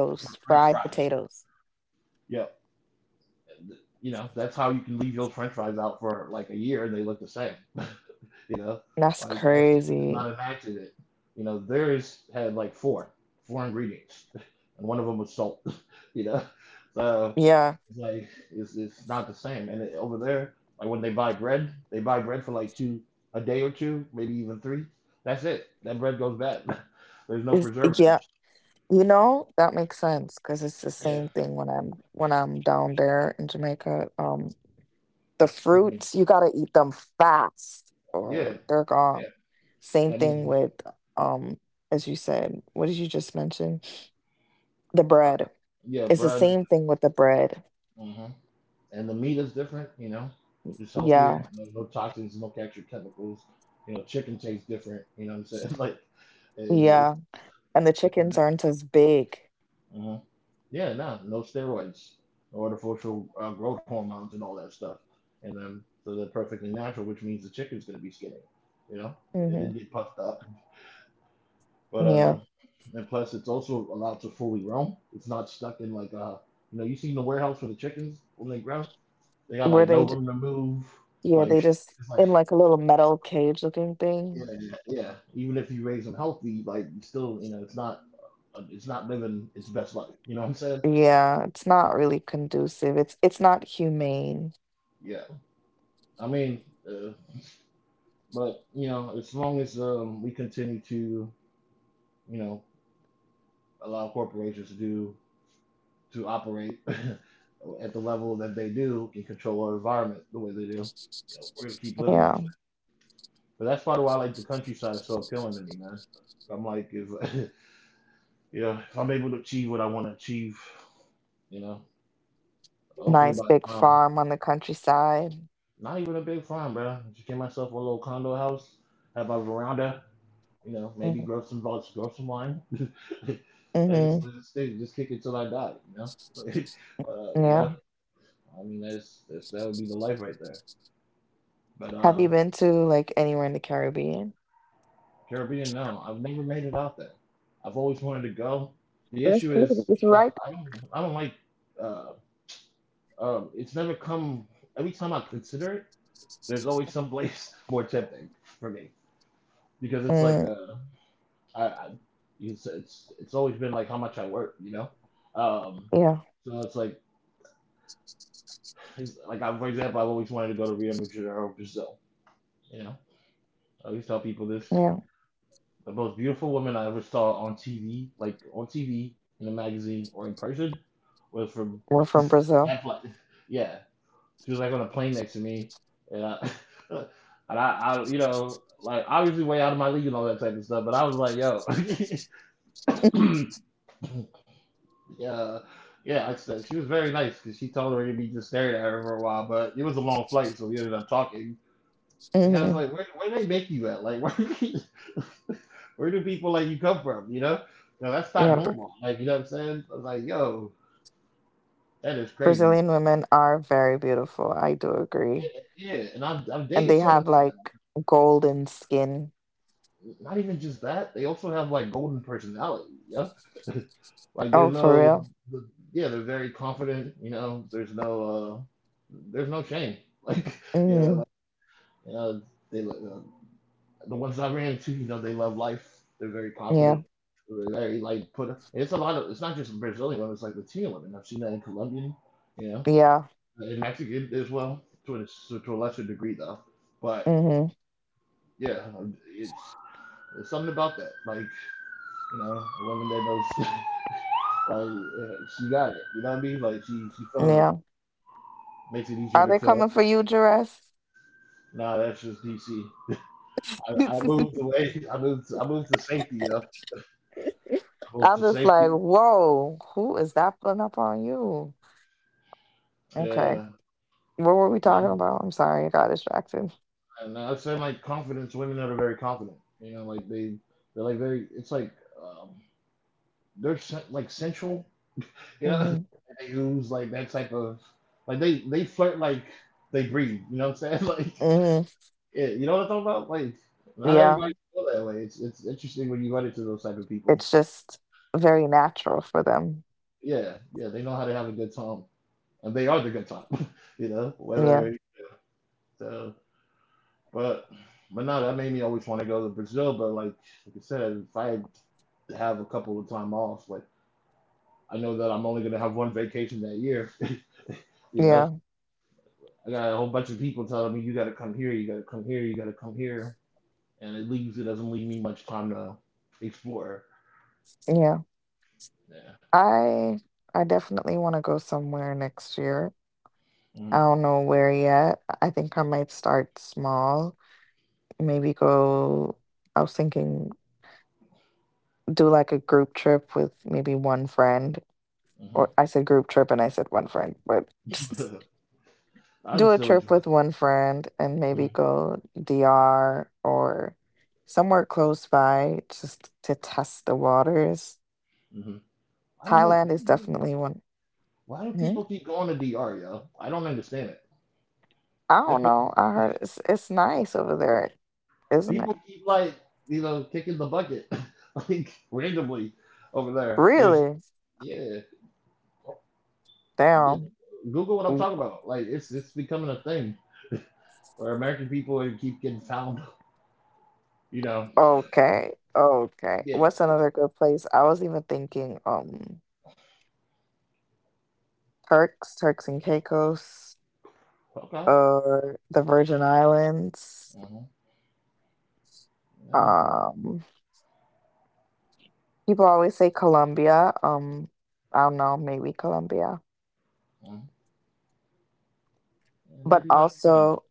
[SPEAKER 1] for French
[SPEAKER 2] fried
[SPEAKER 1] fries.
[SPEAKER 2] potatoes.
[SPEAKER 1] Yeah. You know, that's how you can leave your French fries out for like a year and they look the same. You know,
[SPEAKER 2] That's
[SPEAKER 1] like that's, that's
[SPEAKER 2] crazy.
[SPEAKER 1] not an accident. You know, theirs had like four ingredients, and one of them was salt. You know, so
[SPEAKER 2] Yeah.
[SPEAKER 1] it's like it's not the same. And it, over there, like when they buy bread for like two a day or two, maybe even three. That's it. That bread goes bad. There's no
[SPEAKER 2] Is yeah.
[SPEAKER 1] preservatives.
[SPEAKER 2] You know, that makes sense because it's the
[SPEAKER 1] Yeah.
[SPEAKER 2] same thing when I'm down there in Jamaica. The
[SPEAKER 1] I mean,
[SPEAKER 2] fruits, you gotta eat them fast or
[SPEAKER 1] yeah.
[SPEAKER 2] they're gone.
[SPEAKER 1] Yeah.
[SPEAKER 2] Same
[SPEAKER 1] I
[SPEAKER 2] thing
[SPEAKER 1] mean,
[SPEAKER 2] with um, as you said, what did you just mention? The
[SPEAKER 1] uh,
[SPEAKER 2] bread.
[SPEAKER 1] yeah,
[SPEAKER 2] It's the
[SPEAKER 1] bread.
[SPEAKER 2] same thing with the bread.
[SPEAKER 1] Mm-hmm. And the meat is different. You know, just
[SPEAKER 2] Yeah,
[SPEAKER 1] healthier. No, No toxins, no extra chemicals. You know, chicken tastes different. You know what I'm saying? Like, is
[SPEAKER 2] yeah. And the chickens aren't as big.
[SPEAKER 1] uh yeah, no, no steroids, no artificial growth hormones and all that stuff. And then so they're perfectly natural, which means the chicken's gonna be skinny. You know, it didn't
[SPEAKER 2] Hmm.
[SPEAKER 1] get puffed up. But
[SPEAKER 2] Yeah.
[SPEAKER 1] And plus it's also allowed to fully roam. It's not stuck in like you know, you seen the warehouse for the chickens when they grow, they got
[SPEAKER 2] Where
[SPEAKER 1] like no
[SPEAKER 2] they, j-
[SPEAKER 1] room to move.
[SPEAKER 2] yeah,
[SPEAKER 1] Like
[SPEAKER 2] they just
[SPEAKER 1] it's like
[SPEAKER 2] in like a little metal cage looking
[SPEAKER 1] Yeah,
[SPEAKER 2] thing.
[SPEAKER 1] yeah. Even if you raise them healthy, like it's still, you know, it's not living its best life. You know what I'm saying?
[SPEAKER 2] Yeah, it's not really conducive. It's not humane.
[SPEAKER 1] Yeah. I mean, uh, but you know, as long as we continue to, you know, allow corporations to do to operate at the level that they do and control our environment the way they do, you know, we're gonna keep living this
[SPEAKER 2] Yeah.
[SPEAKER 1] way. But that's part of why like the countryside is so appealing to me, man. I'm like, if You know, if I'm able to achieve what I want to achieve, you know, hopefully
[SPEAKER 2] Nice
[SPEAKER 1] by the
[SPEAKER 2] big
[SPEAKER 1] time.
[SPEAKER 2] farm on the countryside.
[SPEAKER 1] Not even a big farm, bro. Just get myself a little condo house, have a veranda, you know, maybe
[SPEAKER 2] Mhm.
[SPEAKER 1] grow some wine, and just
[SPEAKER 2] Mhm.
[SPEAKER 1] live just kick it till I die, you know. You
[SPEAKER 2] Yeah.
[SPEAKER 1] know, I mean, that's that would be the life right there. But
[SPEAKER 2] Have you been to like anywhere in the Caribbean?
[SPEAKER 1] Caribbean, no, I've never made it out there. I've always wanted to go. The
[SPEAKER 2] That's
[SPEAKER 1] issue is
[SPEAKER 2] crazy. It's
[SPEAKER 1] that
[SPEAKER 2] right.
[SPEAKER 1] I don't like uh it's never come every time I consider it. There's always some place more tempting for me because it's like
[SPEAKER 2] Mm,
[SPEAKER 1] I it's it's always been like how much I work, you know. Um,
[SPEAKER 2] yeah.
[SPEAKER 1] so it's like I, for example, I've always wanted to go to Rio de Janeiro, Brazil. You know, I always tell people this:
[SPEAKER 2] Yeah.
[SPEAKER 1] the most beautiful woman I ever saw on TV, like on TV in a magazine or in person, was from
[SPEAKER 2] We're from Brazil.
[SPEAKER 1] that flight. Yeah, she was like on a plane next to me, and I and I you know like obviously way out of my league and all that type of stuff, but I was like, yo. Yeah, yeah. Like I said, she was very nice because she tolerated me just staring at her for a while. But it was a long flight, so we ended up talking. And I was
[SPEAKER 2] Mhm.
[SPEAKER 1] like, " where do they make you at? Like, where, where do people like you come from? You know, no, that's not
[SPEAKER 2] Yeah, Br
[SPEAKER 1] normal. Like, you know what I'm saying? I was like, yo, that is crazy.
[SPEAKER 2] Brazilian women are very beautiful. I do agree.
[SPEAKER 1] Yeah, and I've
[SPEAKER 2] And
[SPEAKER 1] dated
[SPEAKER 2] they
[SPEAKER 1] some of
[SPEAKER 2] have
[SPEAKER 1] this.
[SPEAKER 2] like golden skin.
[SPEAKER 1] Not even just that, they also have like golden personality. Yeah, like there's
[SPEAKER 2] Oh, for
[SPEAKER 1] no,
[SPEAKER 2] real?
[SPEAKER 1] the- yeah, they're very confident. You know, there's no shame. Like,
[SPEAKER 2] Mhm.
[SPEAKER 1] yeah, you know, they the ones I ran into, you know, they love life. They're very
[SPEAKER 2] Yeah.
[SPEAKER 1] confident. They're very like put. It's a lot of. It's not just Brazilian women. It's like Latino women. I've seen that in Colombian, you know,
[SPEAKER 2] Yeah.
[SPEAKER 1] and Mexican as well to a so to a lesser degree though. But
[SPEAKER 2] Mhm.
[SPEAKER 1] yeah, it's there's something about that. Like you know, a woman that knows like she got it. You know what I mean? Like she feeling it
[SPEAKER 2] Yeah.
[SPEAKER 1] makes it
[SPEAKER 2] Are
[SPEAKER 1] easier
[SPEAKER 2] they
[SPEAKER 1] to feel
[SPEAKER 2] coming for
[SPEAKER 1] hurt.
[SPEAKER 2] you, Jerez?
[SPEAKER 1] Nah, that's just DC. I moved away. I moved. I moved to safety. Yo. I moved to
[SPEAKER 2] I'm just
[SPEAKER 1] safety.
[SPEAKER 2] like, whoa, who is that pulling up on you? Okay.
[SPEAKER 1] Yeah,
[SPEAKER 2] What were we
[SPEAKER 1] yeah.
[SPEAKER 2] talking about? I'm sorry, I got distracted.
[SPEAKER 1] And I've said like confidence. Women are very confident. You know, like they're like very. It's like um, like sensual. You know, and
[SPEAKER 2] Hmm.
[SPEAKER 1] they use like that type of like they flirt like they breathe. You know what I'm saying? Like
[SPEAKER 2] Hmm.
[SPEAKER 1] yeah, you know what I'm talking about? Like not
[SPEAKER 2] Yeah.
[SPEAKER 1] everybody feel that way. It's interesting when you run into those type of people.
[SPEAKER 2] It's just very natural for them.
[SPEAKER 1] Yeah, yeah. They know how to have a good time, and they are the good time. You know,
[SPEAKER 2] Yeah.
[SPEAKER 1] whether. So But but no, that made me always want to go to Brazil. But like I said, if I have a couple of time off, like I know that I'm only gonna have one vacation that year. You know,
[SPEAKER 2] Yeah.
[SPEAKER 1] I got a whole bunch of people telling me you gotta come here, you gotta come here, you gotta come here, and it doesn't leave me much time to explore.
[SPEAKER 2] Yeah.
[SPEAKER 1] Yeah.
[SPEAKER 2] I I definitely want to go somewhere next year. I don't know where yet. I think I might start small. Maybe go, I was thinking do like a group trip with maybe one friend
[SPEAKER 1] Mm-hmm.
[SPEAKER 2] or I said group trip and I said one friend, but
[SPEAKER 1] Hmm. I
[SPEAKER 2] do a
[SPEAKER 1] understand what you
[SPEAKER 2] trip with one friend and
[SPEAKER 1] meant.
[SPEAKER 2] maybe go DR or somewhere close by just to test the waters.
[SPEAKER 1] Hmm. Hmm. I don't know,
[SPEAKER 2] Thailand is definitely one.
[SPEAKER 1] why do
[SPEAKER 2] Hmm?
[SPEAKER 1] people keep going to DR, yo? I don't understand
[SPEAKER 2] I don't
[SPEAKER 1] it.
[SPEAKER 2] know. I heard it's nice over there, isn't it?
[SPEAKER 1] People keep like you know kicking the bucket like randomly over there. There's
[SPEAKER 2] Really?
[SPEAKER 1] yeah, yeah.
[SPEAKER 2] Damn.
[SPEAKER 1] Google what I'm
[SPEAKER 2] W-
[SPEAKER 1] talking about. Like it's becoming a thing where American people are- keep getting found. You know.
[SPEAKER 2] Okay. Okay.
[SPEAKER 1] Yeah.
[SPEAKER 2] What's another good place? I was even thinking Turks and Caicos,
[SPEAKER 1] Okay.
[SPEAKER 2] or the Virgin Islands.
[SPEAKER 1] Uh-huh. Yeah.
[SPEAKER 2] Um, people always say Colombia. I don't know, maybe Colombia,
[SPEAKER 1] uh
[SPEAKER 2] but
[SPEAKER 1] Maybe not. Yeah.
[SPEAKER 2] also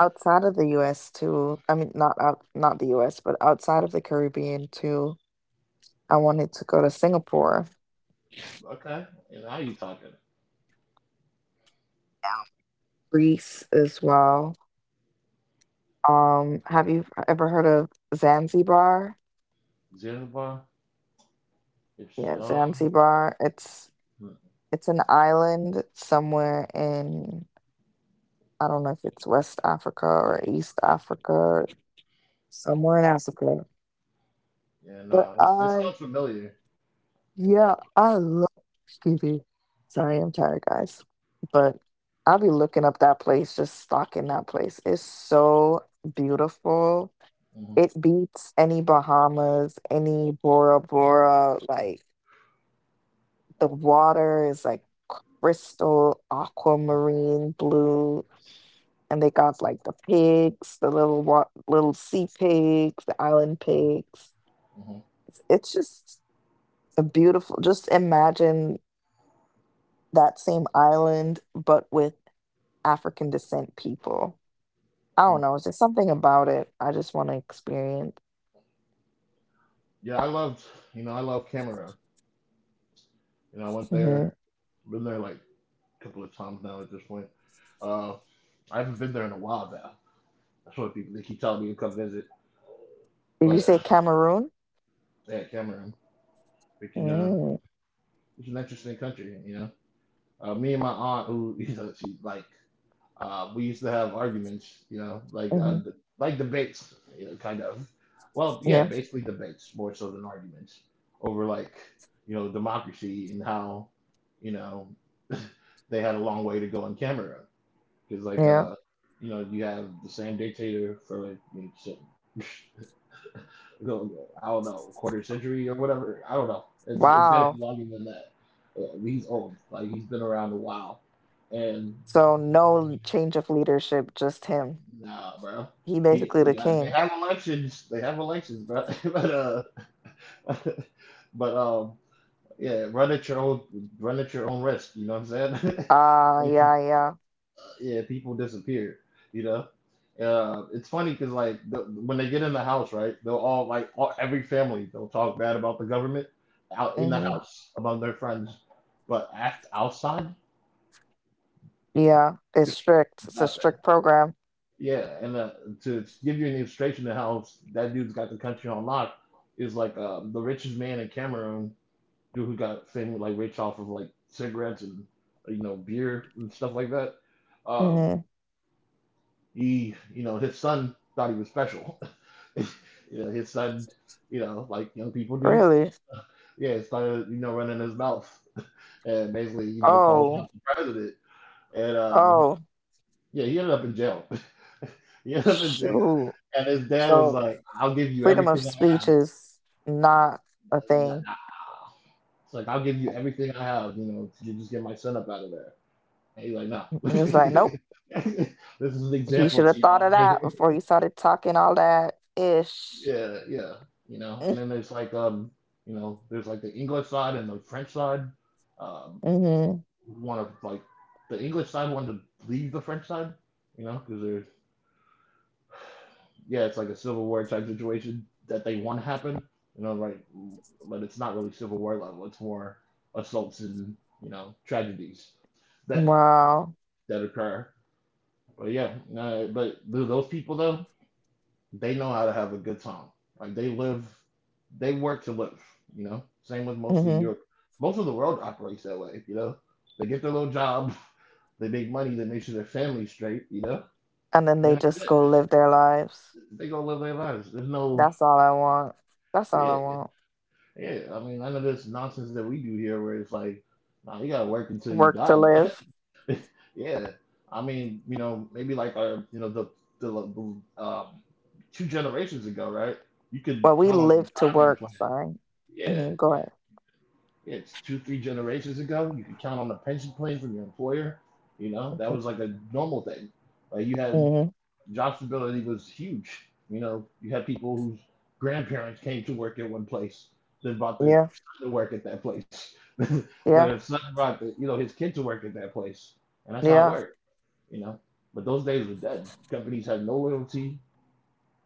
[SPEAKER 2] outside of the U.S. too. I mean, not out, not the U.S., but outside of the Caribbean too. I wanted to go to Singapore,
[SPEAKER 1] Okay. And now you talking?
[SPEAKER 2] yeah. Greece as well. Have you ever heard of Zanzibar?
[SPEAKER 1] Zanzibar. It's
[SPEAKER 2] Yeah,
[SPEAKER 1] um.
[SPEAKER 2] Zanzibar. It's an island somewhere in I don't know if it's West Africa or East Africa, somewhere in Africa.
[SPEAKER 1] Yeah.
[SPEAKER 2] But
[SPEAKER 1] Nah. It's it sounds familiar.
[SPEAKER 2] yeah, I love Scooby. Sorry, I'm tired, guys. But I'll be looking up that place, just stalking that place. It's so beautiful. It
[SPEAKER 1] Hmm.
[SPEAKER 2] beats any Bahamas, any Bora Bora. Like the water is like crystal, aquamarine blue. And they got like the pigs, the little little sea pigs, the island pigs.
[SPEAKER 1] Hmm.
[SPEAKER 2] It's just a beautiful. Just imagine that same island, but with African descent people. I don't know. It's just something about it. I just want to experience.
[SPEAKER 1] Yeah, I loved, you know, I love Cameroon. You know, I went there,
[SPEAKER 2] Hmm.
[SPEAKER 1] been there like a couple of times now at this point. Uh, I haven't been there in a while though. That's why people they keep telling me to come visit.
[SPEAKER 2] Did you
[SPEAKER 1] But
[SPEAKER 2] say Cameroon?
[SPEAKER 1] yeah, Cameroon, but you know,
[SPEAKER 2] Mm-hmm.
[SPEAKER 1] it's an interesting country. You know, me and my aunt, who you know, she like, we used to have arguments. You know, like d like debates, you know, kind of. Well, yeah,
[SPEAKER 2] Yeah.
[SPEAKER 1] basically debates more so than arguments over like you know democracy and how you know they had a long way to go in Cameroon. Because like
[SPEAKER 2] Yeah.
[SPEAKER 1] you know, you have the same dictator for like you know, shit, I don't know, quarter century or whatever. I don't know. It's gotta
[SPEAKER 2] Wow.
[SPEAKER 1] be longer than that. He's old. Like he's been around a while. And
[SPEAKER 2] So no change of leadership, just him.
[SPEAKER 1] nah, bro.
[SPEAKER 2] He basically the
[SPEAKER 1] They
[SPEAKER 2] king.
[SPEAKER 1] have elections. They have elections, bro. But uh, but yeah, run at your own risk. You know what I'm saying?
[SPEAKER 2] Ah, yeah, yeah.
[SPEAKER 1] Yeah, people disappeared. You know, it's funny because when they get in the house, right? They'll all like all, every family they'll talk bad about the government out in the
[SPEAKER 2] Hmm.
[SPEAKER 1] house among their friends, but aft outside
[SPEAKER 2] Yeah. It's strict. It's a
[SPEAKER 1] nothing.
[SPEAKER 2] strict program.
[SPEAKER 1] Yeah, and To give you an illustration of how that dude's got the country on lock is like the richest man in Cameroon, dude who got famous like rich off of like cigarettes and you know beer and stuff like that. Um,
[SPEAKER 2] Hmm.
[SPEAKER 1] he, you know, his son thought he was special. You know, his son, you know, like young people do.
[SPEAKER 2] Really?
[SPEAKER 1] Yeah, started, you know, running his mouth and basically, you know, calling
[SPEAKER 2] Oh,
[SPEAKER 1] out the president. And
[SPEAKER 2] oh,
[SPEAKER 1] Yeah, he ended up in jail. He ended up in jail.
[SPEAKER 2] shoot.
[SPEAKER 1] And his dad was
[SPEAKER 2] So
[SPEAKER 1] like, I'll give you
[SPEAKER 2] freedom of
[SPEAKER 1] everything I have.
[SPEAKER 2] speech is not a
[SPEAKER 1] Nah,
[SPEAKER 2] thing.
[SPEAKER 1] nah. It's like, I'll give you everything I have, you know, to just get my son up out of there. And he's like, no.
[SPEAKER 2] He was like, nope,
[SPEAKER 1] This is an
[SPEAKER 2] he
[SPEAKER 1] example
[SPEAKER 2] should
[SPEAKER 1] to
[SPEAKER 2] have thought
[SPEAKER 1] y'all
[SPEAKER 2] of
[SPEAKER 1] right
[SPEAKER 2] that
[SPEAKER 1] here.
[SPEAKER 2] before he started talking all that ish.
[SPEAKER 1] Yeah, yeah. You know, and then there's like, um, you know, there's like the English side and the French side. Um,
[SPEAKER 2] Mm-hmm.
[SPEAKER 1] want to like the English side wanted to leave the French side, you know, because there's yeah, it's like a civil war type situation that they want to happen, you know, right? But it's not really civil war level. It's more assaults and you know tragedies that
[SPEAKER 2] Wow.
[SPEAKER 1] that occur. But yeah, no, but those people though, they know how to have a good time. Like they live, they work to live. You know, same with mostly
[SPEAKER 2] Mm-hmm.
[SPEAKER 1] Europe. Most of the world operates that way. You know, they get their little job, they make money, they make sure their family's straight. You know,
[SPEAKER 2] And then
[SPEAKER 1] and
[SPEAKER 2] they
[SPEAKER 1] like
[SPEAKER 2] just go
[SPEAKER 1] that,
[SPEAKER 2] live their lives.
[SPEAKER 1] they gonna live their lives. There's no
[SPEAKER 2] That's all I want. That's all I
[SPEAKER 1] Yeah,
[SPEAKER 2] want.
[SPEAKER 1] yeah. I mean, I know there's nonsense that we do here where it's like, nah, you gotta work until you
[SPEAKER 2] Work to
[SPEAKER 1] die. Man.
[SPEAKER 2] live.
[SPEAKER 1] Yeah. I mean, you know, maybe like our, you know, the two generations ago, right? You could
[SPEAKER 2] Well, we
[SPEAKER 1] count on a
[SPEAKER 2] live to
[SPEAKER 1] Retirement plan.
[SPEAKER 2] work. Sorry.
[SPEAKER 1] Yeah,
[SPEAKER 2] Mm-hmm. Go
[SPEAKER 1] yeah,
[SPEAKER 2] ahead.
[SPEAKER 1] yeah. It's two, three generations ago. You could count on a pension plan from your employer. You know, that was like a normal thing. Like you had
[SPEAKER 2] Mm-hmm.
[SPEAKER 1] Job stability was huge. You know, you had people whose grandparents came to work at one place, then brought their
[SPEAKER 2] Yeah.
[SPEAKER 1] son to work at that place.
[SPEAKER 2] Yeah.
[SPEAKER 1] Their son brought the, you know his kid to work at that place, and that's how it
[SPEAKER 2] Yeah.
[SPEAKER 1] worked. You know, but those days were dead. Companies had no loyalty.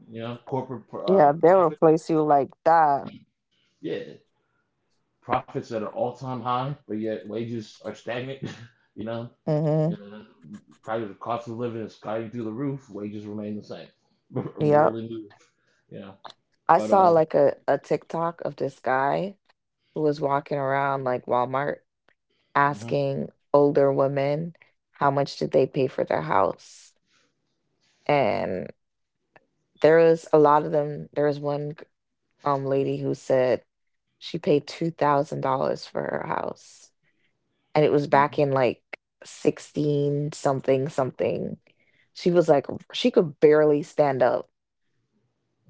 [SPEAKER 1] You know, corporate uh,
[SPEAKER 2] Yeah. They'll
[SPEAKER 1] profits,
[SPEAKER 2] replace you like that.
[SPEAKER 1] yeah, profits at an all-time high, but yet wages are stagnant. You know,
[SPEAKER 2] Mm-hmm.
[SPEAKER 1] and probably the cost of living is skyrocketing through the roof. Wages remain the same,
[SPEAKER 2] Yep.
[SPEAKER 1] barely move. You know,
[SPEAKER 2] I
[SPEAKER 1] but
[SPEAKER 2] saw like a TikTok of this guy who was walking around like Walmart
[SPEAKER 1] hmm
[SPEAKER 2] asking older women how much did they pay for their house. And there was a lot of them. There was one lady who said she paid $2,000 for her house. And it was back
[SPEAKER 1] hmm
[SPEAKER 2] in like 16 something something. She was like she could barely stand up.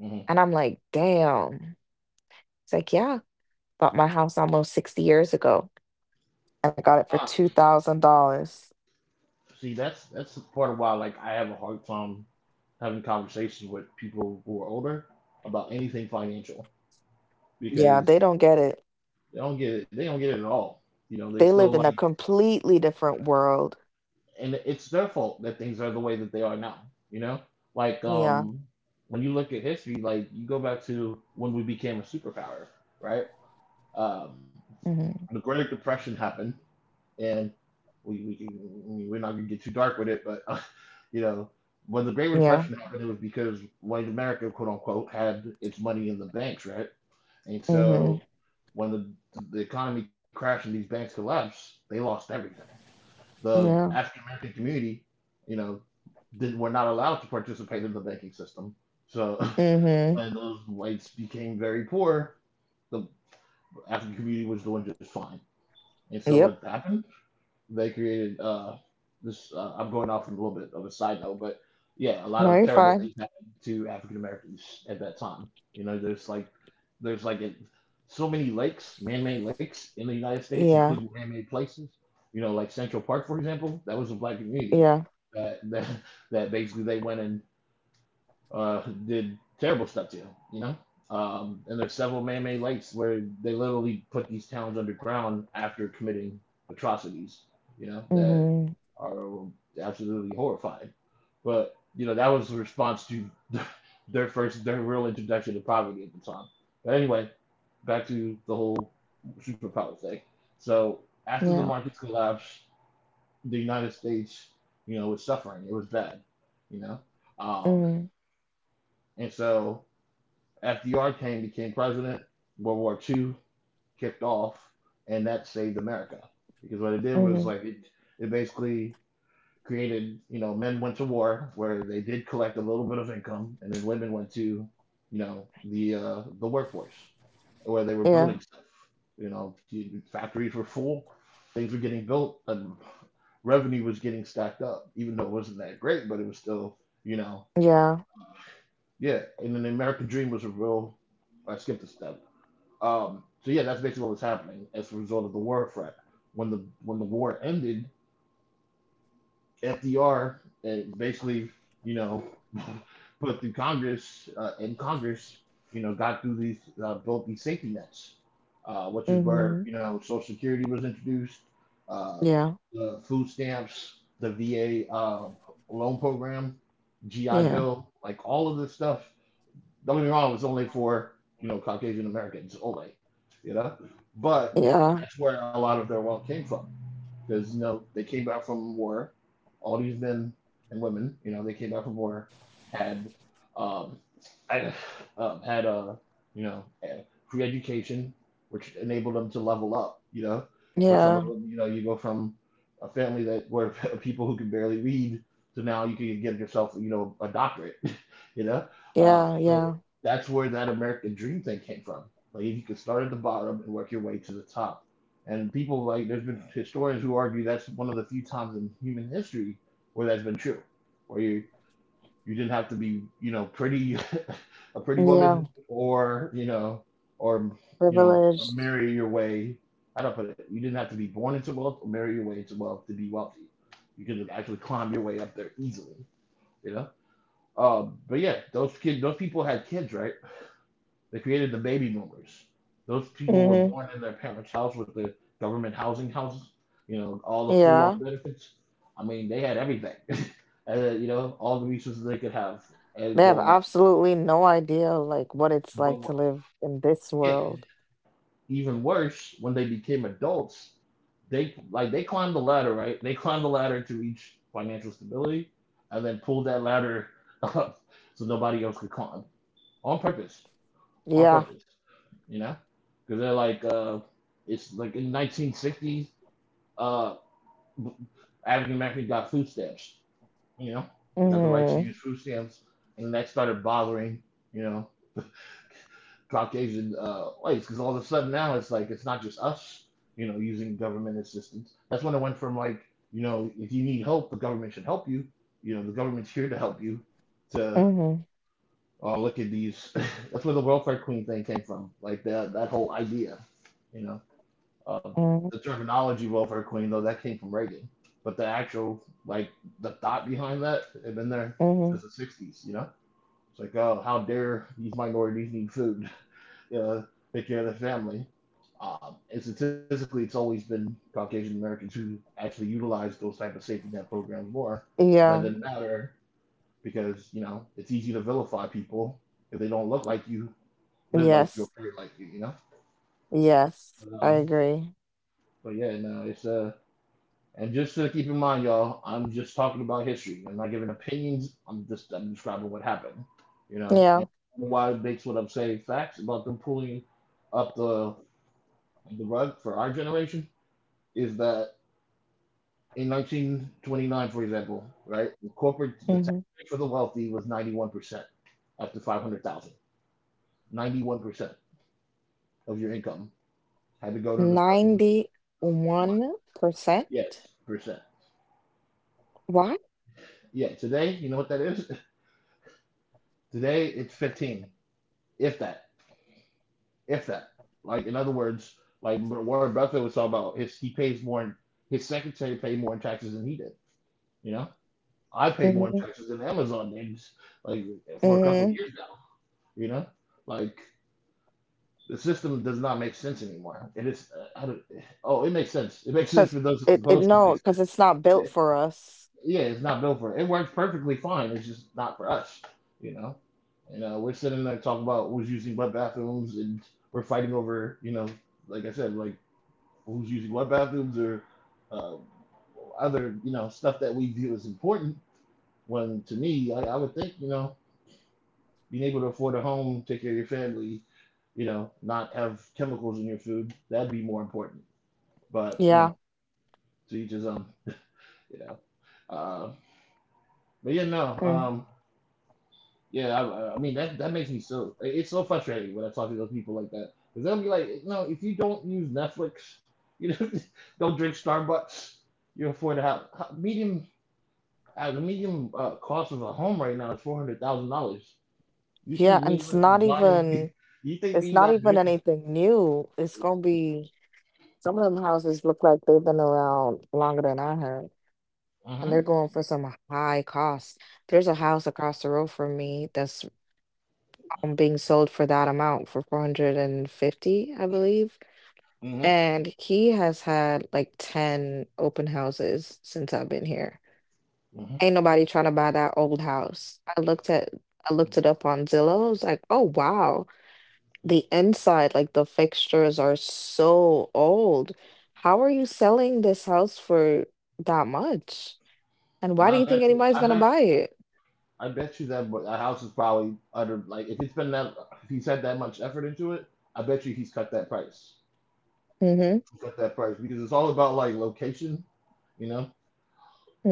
[SPEAKER 1] hmm
[SPEAKER 2] And I'm like, damn. It's like, yeah, bought my house almost 60 years ago and I got it for
[SPEAKER 1] Yeah.
[SPEAKER 2] $2,000.
[SPEAKER 1] See, that's the part of why like I have a hard time having conversations with people who are older about anything financial
[SPEAKER 2] Yeah,
[SPEAKER 1] because
[SPEAKER 2] they don't get it.
[SPEAKER 1] they don't get it. They don't get it at all. You know, they
[SPEAKER 2] They
[SPEAKER 1] still
[SPEAKER 2] lived in a
[SPEAKER 1] like,
[SPEAKER 2] completely different world.
[SPEAKER 1] and it's their fault that things are the way that they are now. You know, like
[SPEAKER 2] Yeah.
[SPEAKER 1] um, when you look at history, like you go back to when we became a superpower, right? Um, the
[SPEAKER 2] hmm
[SPEAKER 1] Great Depression happened, and we, we we're not gonna get too dark with it, but you know, when the Great
[SPEAKER 2] Yeah.
[SPEAKER 1] Depression happened, it was because white America, quote unquote, had its money in the banks, right? And
[SPEAKER 2] hmm
[SPEAKER 1] so when the economy crashed and these banks collapsed, they lost everything. The
[SPEAKER 2] Yeah.
[SPEAKER 1] African American community, you know, did, were not allowed to participate in the banking system. So
[SPEAKER 2] hmm
[SPEAKER 1] when those whites became very poor, the African community was doing just fine. And so what
[SPEAKER 2] Yep.
[SPEAKER 1] happened? They created. This I'm going off on a little bit of a side note, but yeah, a lot
[SPEAKER 2] No,
[SPEAKER 1] of
[SPEAKER 2] you're
[SPEAKER 1] terrible
[SPEAKER 2] fine.
[SPEAKER 1] things happened to African Americans at that time. You know, there's like there's like a, so many lakes, man-made lakes in the United States,
[SPEAKER 2] Yeah.
[SPEAKER 1] including man-made places. You know, like Central Park, for example, that was a black community.
[SPEAKER 2] Yeah.
[SPEAKER 1] That that, that basically they went and did terrible stuff to, you know? And there's several man-made lakes where they literally put these towns underground after committing atrocities, you know, that
[SPEAKER 2] hmm
[SPEAKER 1] are absolutely horrifying. But you know, that was a response to their first, their real introduction to poverty at the time. But anyway, back to the whole superpower thing. So after the
[SPEAKER 2] Yeah.
[SPEAKER 1] markets collapsed, the United States, you know, was suffering. It was bad, you know, um,
[SPEAKER 2] hmm
[SPEAKER 1] and so FDR came, became president. World War II kicked off, and that saved America because what it did was
[SPEAKER 2] hmm
[SPEAKER 1] it basically created you know men went to war where they did collect a little bit of income, and then women went to you know the workforce where they were building
[SPEAKER 2] Yeah.
[SPEAKER 1] stuff. You know, factories were full, things were getting built, and revenue was getting stacked up, even though it wasn't that great, but it was still you know
[SPEAKER 2] Yeah.
[SPEAKER 1] yeah. And then the American dream was a real I skipped a step. So yeah, that's basically what was happening as a result of the war threat. When the war ended, FDR basically, you know, put through Congress in Congress, you know, got through these built these safety nets, which is
[SPEAKER 2] hmm
[SPEAKER 1] where you know Social Security was introduced, uh,
[SPEAKER 2] Yeah.
[SPEAKER 1] the food stamps, the VA loan program, GI
[SPEAKER 2] Yeah.
[SPEAKER 1] Bill, like all of this stuff don't get me wrong, it's only for, you know, Caucasian Americans only, you know? But
[SPEAKER 2] Yeah.
[SPEAKER 1] that's where a lot of their wealth came from. Because, you know, they came back from war. All these men and women, you know, they came back from war, had, um, I, had a, you know, a free education, which enabled them to level up, you know? For some of
[SPEAKER 2] Yeah.
[SPEAKER 1] them, you know, you go from a family that were people who could barely read to now you can get yourself, you know, a doctorate you know?
[SPEAKER 2] Yeah.
[SPEAKER 1] So
[SPEAKER 2] Yeah.
[SPEAKER 1] that's where that American dream thing came from. Like you could start at the bottom and work your way to the top. And people like there's been historians who argue that's one of the few times in human history where that's been true, where you didn't have to be you know pretty a pretty woman
[SPEAKER 2] Yeah.
[SPEAKER 1] or you know
[SPEAKER 2] Privileged.
[SPEAKER 1] marry your way. How do I put it? You didn't have to be born into wealth or marry your way into wealth to be wealthy. You could have actually climbed your way up there easily. You know. But yeah, those kids, those people had kids, right? They created the baby boomers. Those people were
[SPEAKER 2] Hmm
[SPEAKER 1] born in their parents' house with the government housing houses, you know, all the full on
[SPEAKER 2] Yeah.
[SPEAKER 1] benefits. I mean, they had everything, and, you know, all the resources they could have and
[SPEAKER 2] They have
[SPEAKER 1] growing up.
[SPEAKER 2] absolutely no idea like what it's
[SPEAKER 1] But
[SPEAKER 2] like to
[SPEAKER 1] what,
[SPEAKER 2] live in this
[SPEAKER 1] yeah,
[SPEAKER 2] world.
[SPEAKER 1] even worse, when they became adults, they climbed the ladder, right? They climbed the ladder to reach financial stability, and then pulled that ladder up so nobody else could climb on purpose. On
[SPEAKER 2] Yeah.
[SPEAKER 1] purpose, you know, because they're like, it's like in 1960s, uh, African Americans got food stamps, you know, they got the right to
[SPEAKER 2] hmm
[SPEAKER 1] use food stamps, and that started bothering, you know, Caucasian whites, because all of a sudden now it's like it's not just us, you know, using government assistance. That's when it went from like, you know, if you need help, the government should help you, you know, the government's here to help you, to
[SPEAKER 2] hmm
[SPEAKER 1] oh look at these. That's where the welfare queen thing came from, like that whole idea, you know. Um,
[SPEAKER 2] hmm
[SPEAKER 1] the terminology welfare queen, though, that came from Reagan. But the actual, like, the thought behind that had been there since
[SPEAKER 2] hmm
[SPEAKER 1] the 60s, you know? It's like, oh, how dare these minorities need food, you know, take care of their family. And statistically, it's always been Caucasian Americans who actually utilize those type of safety net programs more. But that
[SPEAKER 2] Yeah.
[SPEAKER 1] didn't matter because, you know, it's easy to vilify people if they don't look like you, live like you, or
[SPEAKER 2] Yes.
[SPEAKER 1] pray like you know?
[SPEAKER 2] Yes,
[SPEAKER 1] But,
[SPEAKER 2] I
[SPEAKER 1] uh,
[SPEAKER 2] agree.
[SPEAKER 1] but yeah, no, it's And just to keep in mind, y'all, I'm just talking about history. I'm not giving opinions. I'm describing what happened, you know,
[SPEAKER 2] Yeah.
[SPEAKER 1] and why it makes what I'm saying facts about them pulling up the rug for our generation is that in 1929, for example, right, the tax
[SPEAKER 2] hmm
[SPEAKER 1] rate for the wealthy was 91% up to 500,000. 91% of your income had to go to the federal
[SPEAKER 2] 91%.
[SPEAKER 1] government. Yes percent.
[SPEAKER 2] Why?
[SPEAKER 1] Yeah, today you know what that is. Today it's 15, if that. If that. Like in other words, like Warren Buffett was talking about his secretary paid more in taxes than he did. You know? I pay more in
[SPEAKER 2] Mm-hmm.
[SPEAKER 1] taxes than Amazon did like for a couple of
[SPEAKER 2] Mm-hmm.
[SPEAKER 1] years now. You know? Like the system does not make sense anymore. It is. I don't. Oh, it makes sense. It makes sense
[SPEAKER 2] Because
[SPEAKER 1] for those it's supposed to
[SPEAKER 2] no,
[SPEAKER 1] make
[SPEAKER 2] because it's not
[SPEAKER 1] sense.
[SPEAKER 2] built
[SPEAKER 1] It,
[SPEAKER 2] for us.
[SPEAKER 1] yeah, it's not built for it. It works perfectly fine. It's just not for us. You know? We're sitting there talking about who's using wet bathrooms, and we're fighting over, like I said, like who's using what bathrooms or other, stuff that we view as important. When to me, I would think, being able to afford a home, take care of your family, not have chemicals in your food, that'd be more important. But
[SPEAKER 2] Yeah.
[SPEAKER 1] to each his own. You know, uh, but yeah, no,
[SPEAKER 2] Mm.
[SPEAKER 1] yeah, I mean that makes me, so it's so frustrating when I talk to those people like that, because they'll be like, no, if you don't use Netflix, you know, don't drink Starbucks, you're afford a house. Medium the medium cost of a home right now is $400,000. You think
[SPEAKER 2] Yeah. And
[SPEAKER 1] me
[SPEAKER 2] it's
[SPEAKER 1] not
[SPEAKER 2] not
[SPEAKER 1] buying?
[SPEAKER 2] even.
[SPEAKER 1] You think
[SPEAKER 2] It's
[SPEAKER 1] me
[SPEAKER 2] not
[SPEAKER 1] not
[SPEAKER 2] even
[SPEAKER 1] drinking?
[SPEAKER 2] anything new. It's gonna be some of them houses look like they've been around longer than I have, and
[SPEAKER 1] Hmm.
[SPEAKER 2] they're going for some high cost. There's a house across the road from me that's being sold for that amount, for 450, I believe.
[SPEAKER 1] Hmm.
[SPEAKER 2] And he has had like 10 open houses since I've been here.
[SPEAKER 1] Hmm.
[SPEAKER 2] Ain't nobody trying to buy that old house. I looked it up on Zillow. I was like, oh wow. The inside, like the fixtures are so old. How are you selling this house for that much? And
[SPEAKER 1] And
[SPEAKER 2] why do
[SPEAKER 1] I
[SPEAKER 2] you think
[SPEAKER 1] bet you,
[SPEAKER 2] anybody's
[SPEAKER 1] I
[SPEAKER 2] gonna
[SPEAKER 1] bet,
[SPEAKER 2] buy it?
[SPEAKER 1] I bet you that that house is probably under, like, if it's been that, if he's had that much effort into it, I bet you he's cut that price.
[SPEAKER 2] Mhm.
[SPEAKER 1] He cut that price because it's all about like location. You know,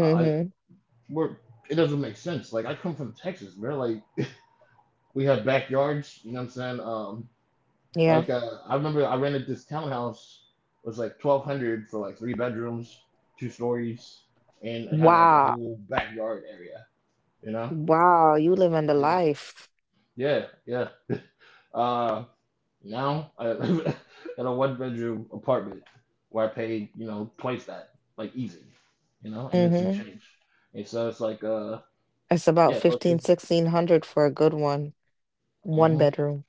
[SPEAKER 1] I- we're it doesn't make sense. Like I come from Texas, man. Like we have backyards. You know what I'm saying?
[SPEAKER 2] Yeah.
[SPEAKER 1] Like I remember I rented this townhouse. It was like 1,200 for like three bedrooms, two stories, and it had like a
[SPEAKER 2] Wow.
[SPEAKER 1] whole backyard area, you know?
[SPEAKER 2] Wow, you living the
[SPEAKER 1] Yeah,
[SPEAKER 2] life.
[SPEAKER 1] yeah, yeah. Uh Now I live in a one bedroom apartment where I paid, twice that, like easy, and then some
[SPEAKER 2] Mhm.
[SPEAKER 1] change. And so it's like
[SPEAKER 2] It's about
[SPEAKER 1] yeah,
[SPEAKER 2] 15,
[SPEAKER 1] location.
[SPEAKER 2] 1,600 for a good one. One bedroom.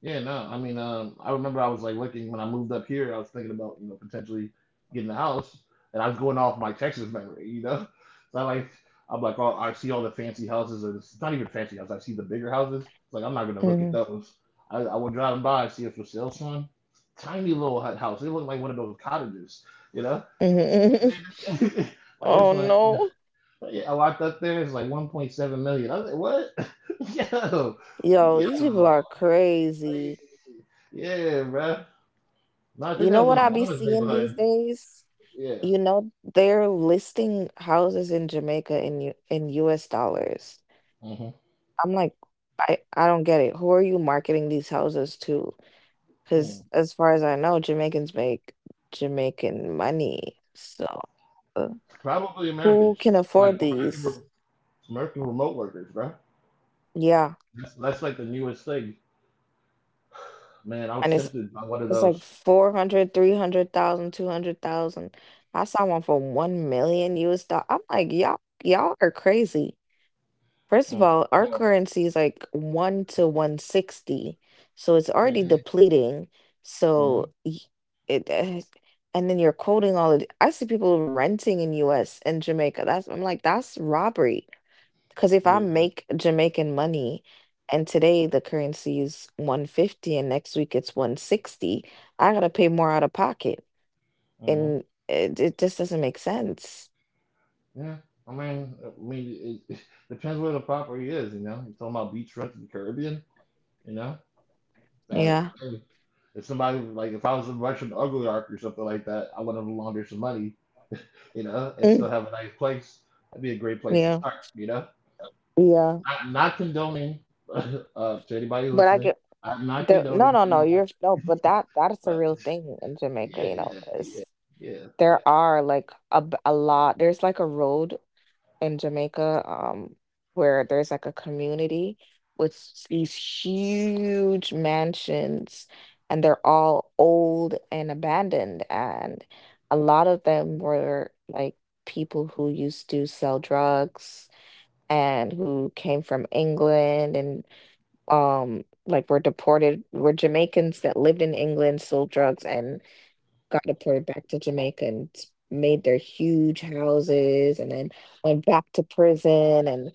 [SPEAKER 1] Yeah, no, I mean, I remember I was like looking when I moved up here. I was thinking about, you know, potentially getting a house, and I was going off my Texas memory. So I'm like, oh, I see all the fancy houses, and it's not even fancy houses. I see the bigger houses. It's like I'm not gonna look at
[SPEAKER 2] Mhm.
[SPEAKER 1] those. I was driving by, I see a for sale sign, tiny little hut house. It looked like one of those cottages, you know.
[SPEAKER 2] Mhm.
[SPEAKER 1] Like, man, like
[SPEAKER 2] Oh
[SPEAKER 1] this one, you know,
[SPEAKER 2] no.
[SPEAKER 1] but yeah, I walked up there. It's like 1.7 million. I was like, what? Yo,
[SPEAKER 2] Yo, these people
[SPEAKER 1] yo.
[SPEAKER 2] are
[SPEAKER 1] Like,
[SPEAKER 2] crazy.
[SPEAKER 1] yeah, bruh. No, I
[SPEAKER 2] You
[SPEAKER 1] think
[SPEAKER 2] know
[SPEAKER 1] that
[SPEAKER 2] what
[SPEAKER 1] was in
[SPEAKER 2] I be
[SPEAKER 1] Obama's
[SPEAKER 2] seeing these
[SPEAKER 1] neighborhood.
[SPEAKER 2] days?
[SPEAKER 1] Yeah.
[SPEAKER 2] You know, they're listing houses in Jamaica in U in US dollars.
[SPEAKER 1] Hmm.
[SPEAKER 2] I'm like, I don't get it. Who are you marketing these houses to? Because
[SPEAKER 1] Mm.
[SPEAKER 2] as far as I know, Jamaicans make Jamaican money. So, uh,
[SPEAKER 1] Probably
[SPEAKER 2] who
[SPEAKER 1] Americans,
[SPEAKER 2] can
[SPEAKER 1] like
[SPEAKER 2] afford these?
[SPEAKER 1] American remote workers, bro.
[SPEAKER 2] Yeah,
[SPEAKER 1] That's like the newest thing. Man, I
[SPEAKER 2] and
[SPEAKER 1] was
[SPEAKER 2] it's
[SPEAKER 1] tempted by one of
[SPEAKER 2] it's like
[SPEAKER 1] those.
[SPEAKER 2] 400, 300,000, 200,000. I saw one for 1 million US dollar. I'm like, y'all are crazy. First of
[SPEAKER 1] Mm.
[SPEAKER 2] all, our
[SPEAKER 1] Oh,
[SPEAKER 2] currency is like 1 to 160. So it's already
[SPEAKER 1] man.
[SPEAKER 2] depleting.
[SPEAKER 1] Hmm.
[SPEAKER 2] So y- it, eh, and then you're quoting all of the- I see people renting in US and Jamaica. That's that's robbery. Because if I
[SPEAKER 1] Yeah.
[SPEAKER 2] make Jamaican money and today the currency is 150 and next week it's 160, I gotta pay more out of pocket.
[SPEAKER 1] Hmm.
[SPEAKER 2] And it just doesn't make sense.
[SPEAKER 1] Yeah. I mean, it depends where the property is. You know, you talking about beach rent in the Caribbean. You know, that,
[SPEAKER 2] Yeah.
[SPEAKER 1] hey, if somebody, like if I was in Russian Ugly Ark or something like that, I would have laundered some money, you know, and
[SPEAKER 2] Mm.
[SPEAKER 1] still have a nice place. That'd be a great place to
[SPEAKER 2] Yeah.
[SPEAKER 1] start.
[SPEAKER 2] Yeah.
[SPEAKER 1] Not condoning to anybody
[SPEAKER 2] But I
[SPEAKER 1] listening.
[SPEAKER 2] get.
[SPEAKER 1] I'm not
[SPEAKER 2] No,
[SPEAKER 1] condoning
[SPEAKER 2] no, no.
[SPEAKER 1] anyone,
[SPEAKER 2] You're no, but that that's a
[SPEAKER 1] but
[SPEAKER 2] real thing in Jamaica,
[SPEAKER 1] yeah,
[SPEAKER 2] you know,
[SPEAKER 1] yeah,
[SPEAKER 2] because
[SPEAKER 1] yeah, yeah, yeah.
[SPEAKER 2] there are like a lot. There's like a road in Jamaica, where there's like a community with these huge mansions, and they're all old and abandoned, and a lot of them were like people who used to sell drugs and who came from England and like were Jamaicans that lived in England, sold drugs and got deported back to Jamaica and made their huge houses and then went back to prison and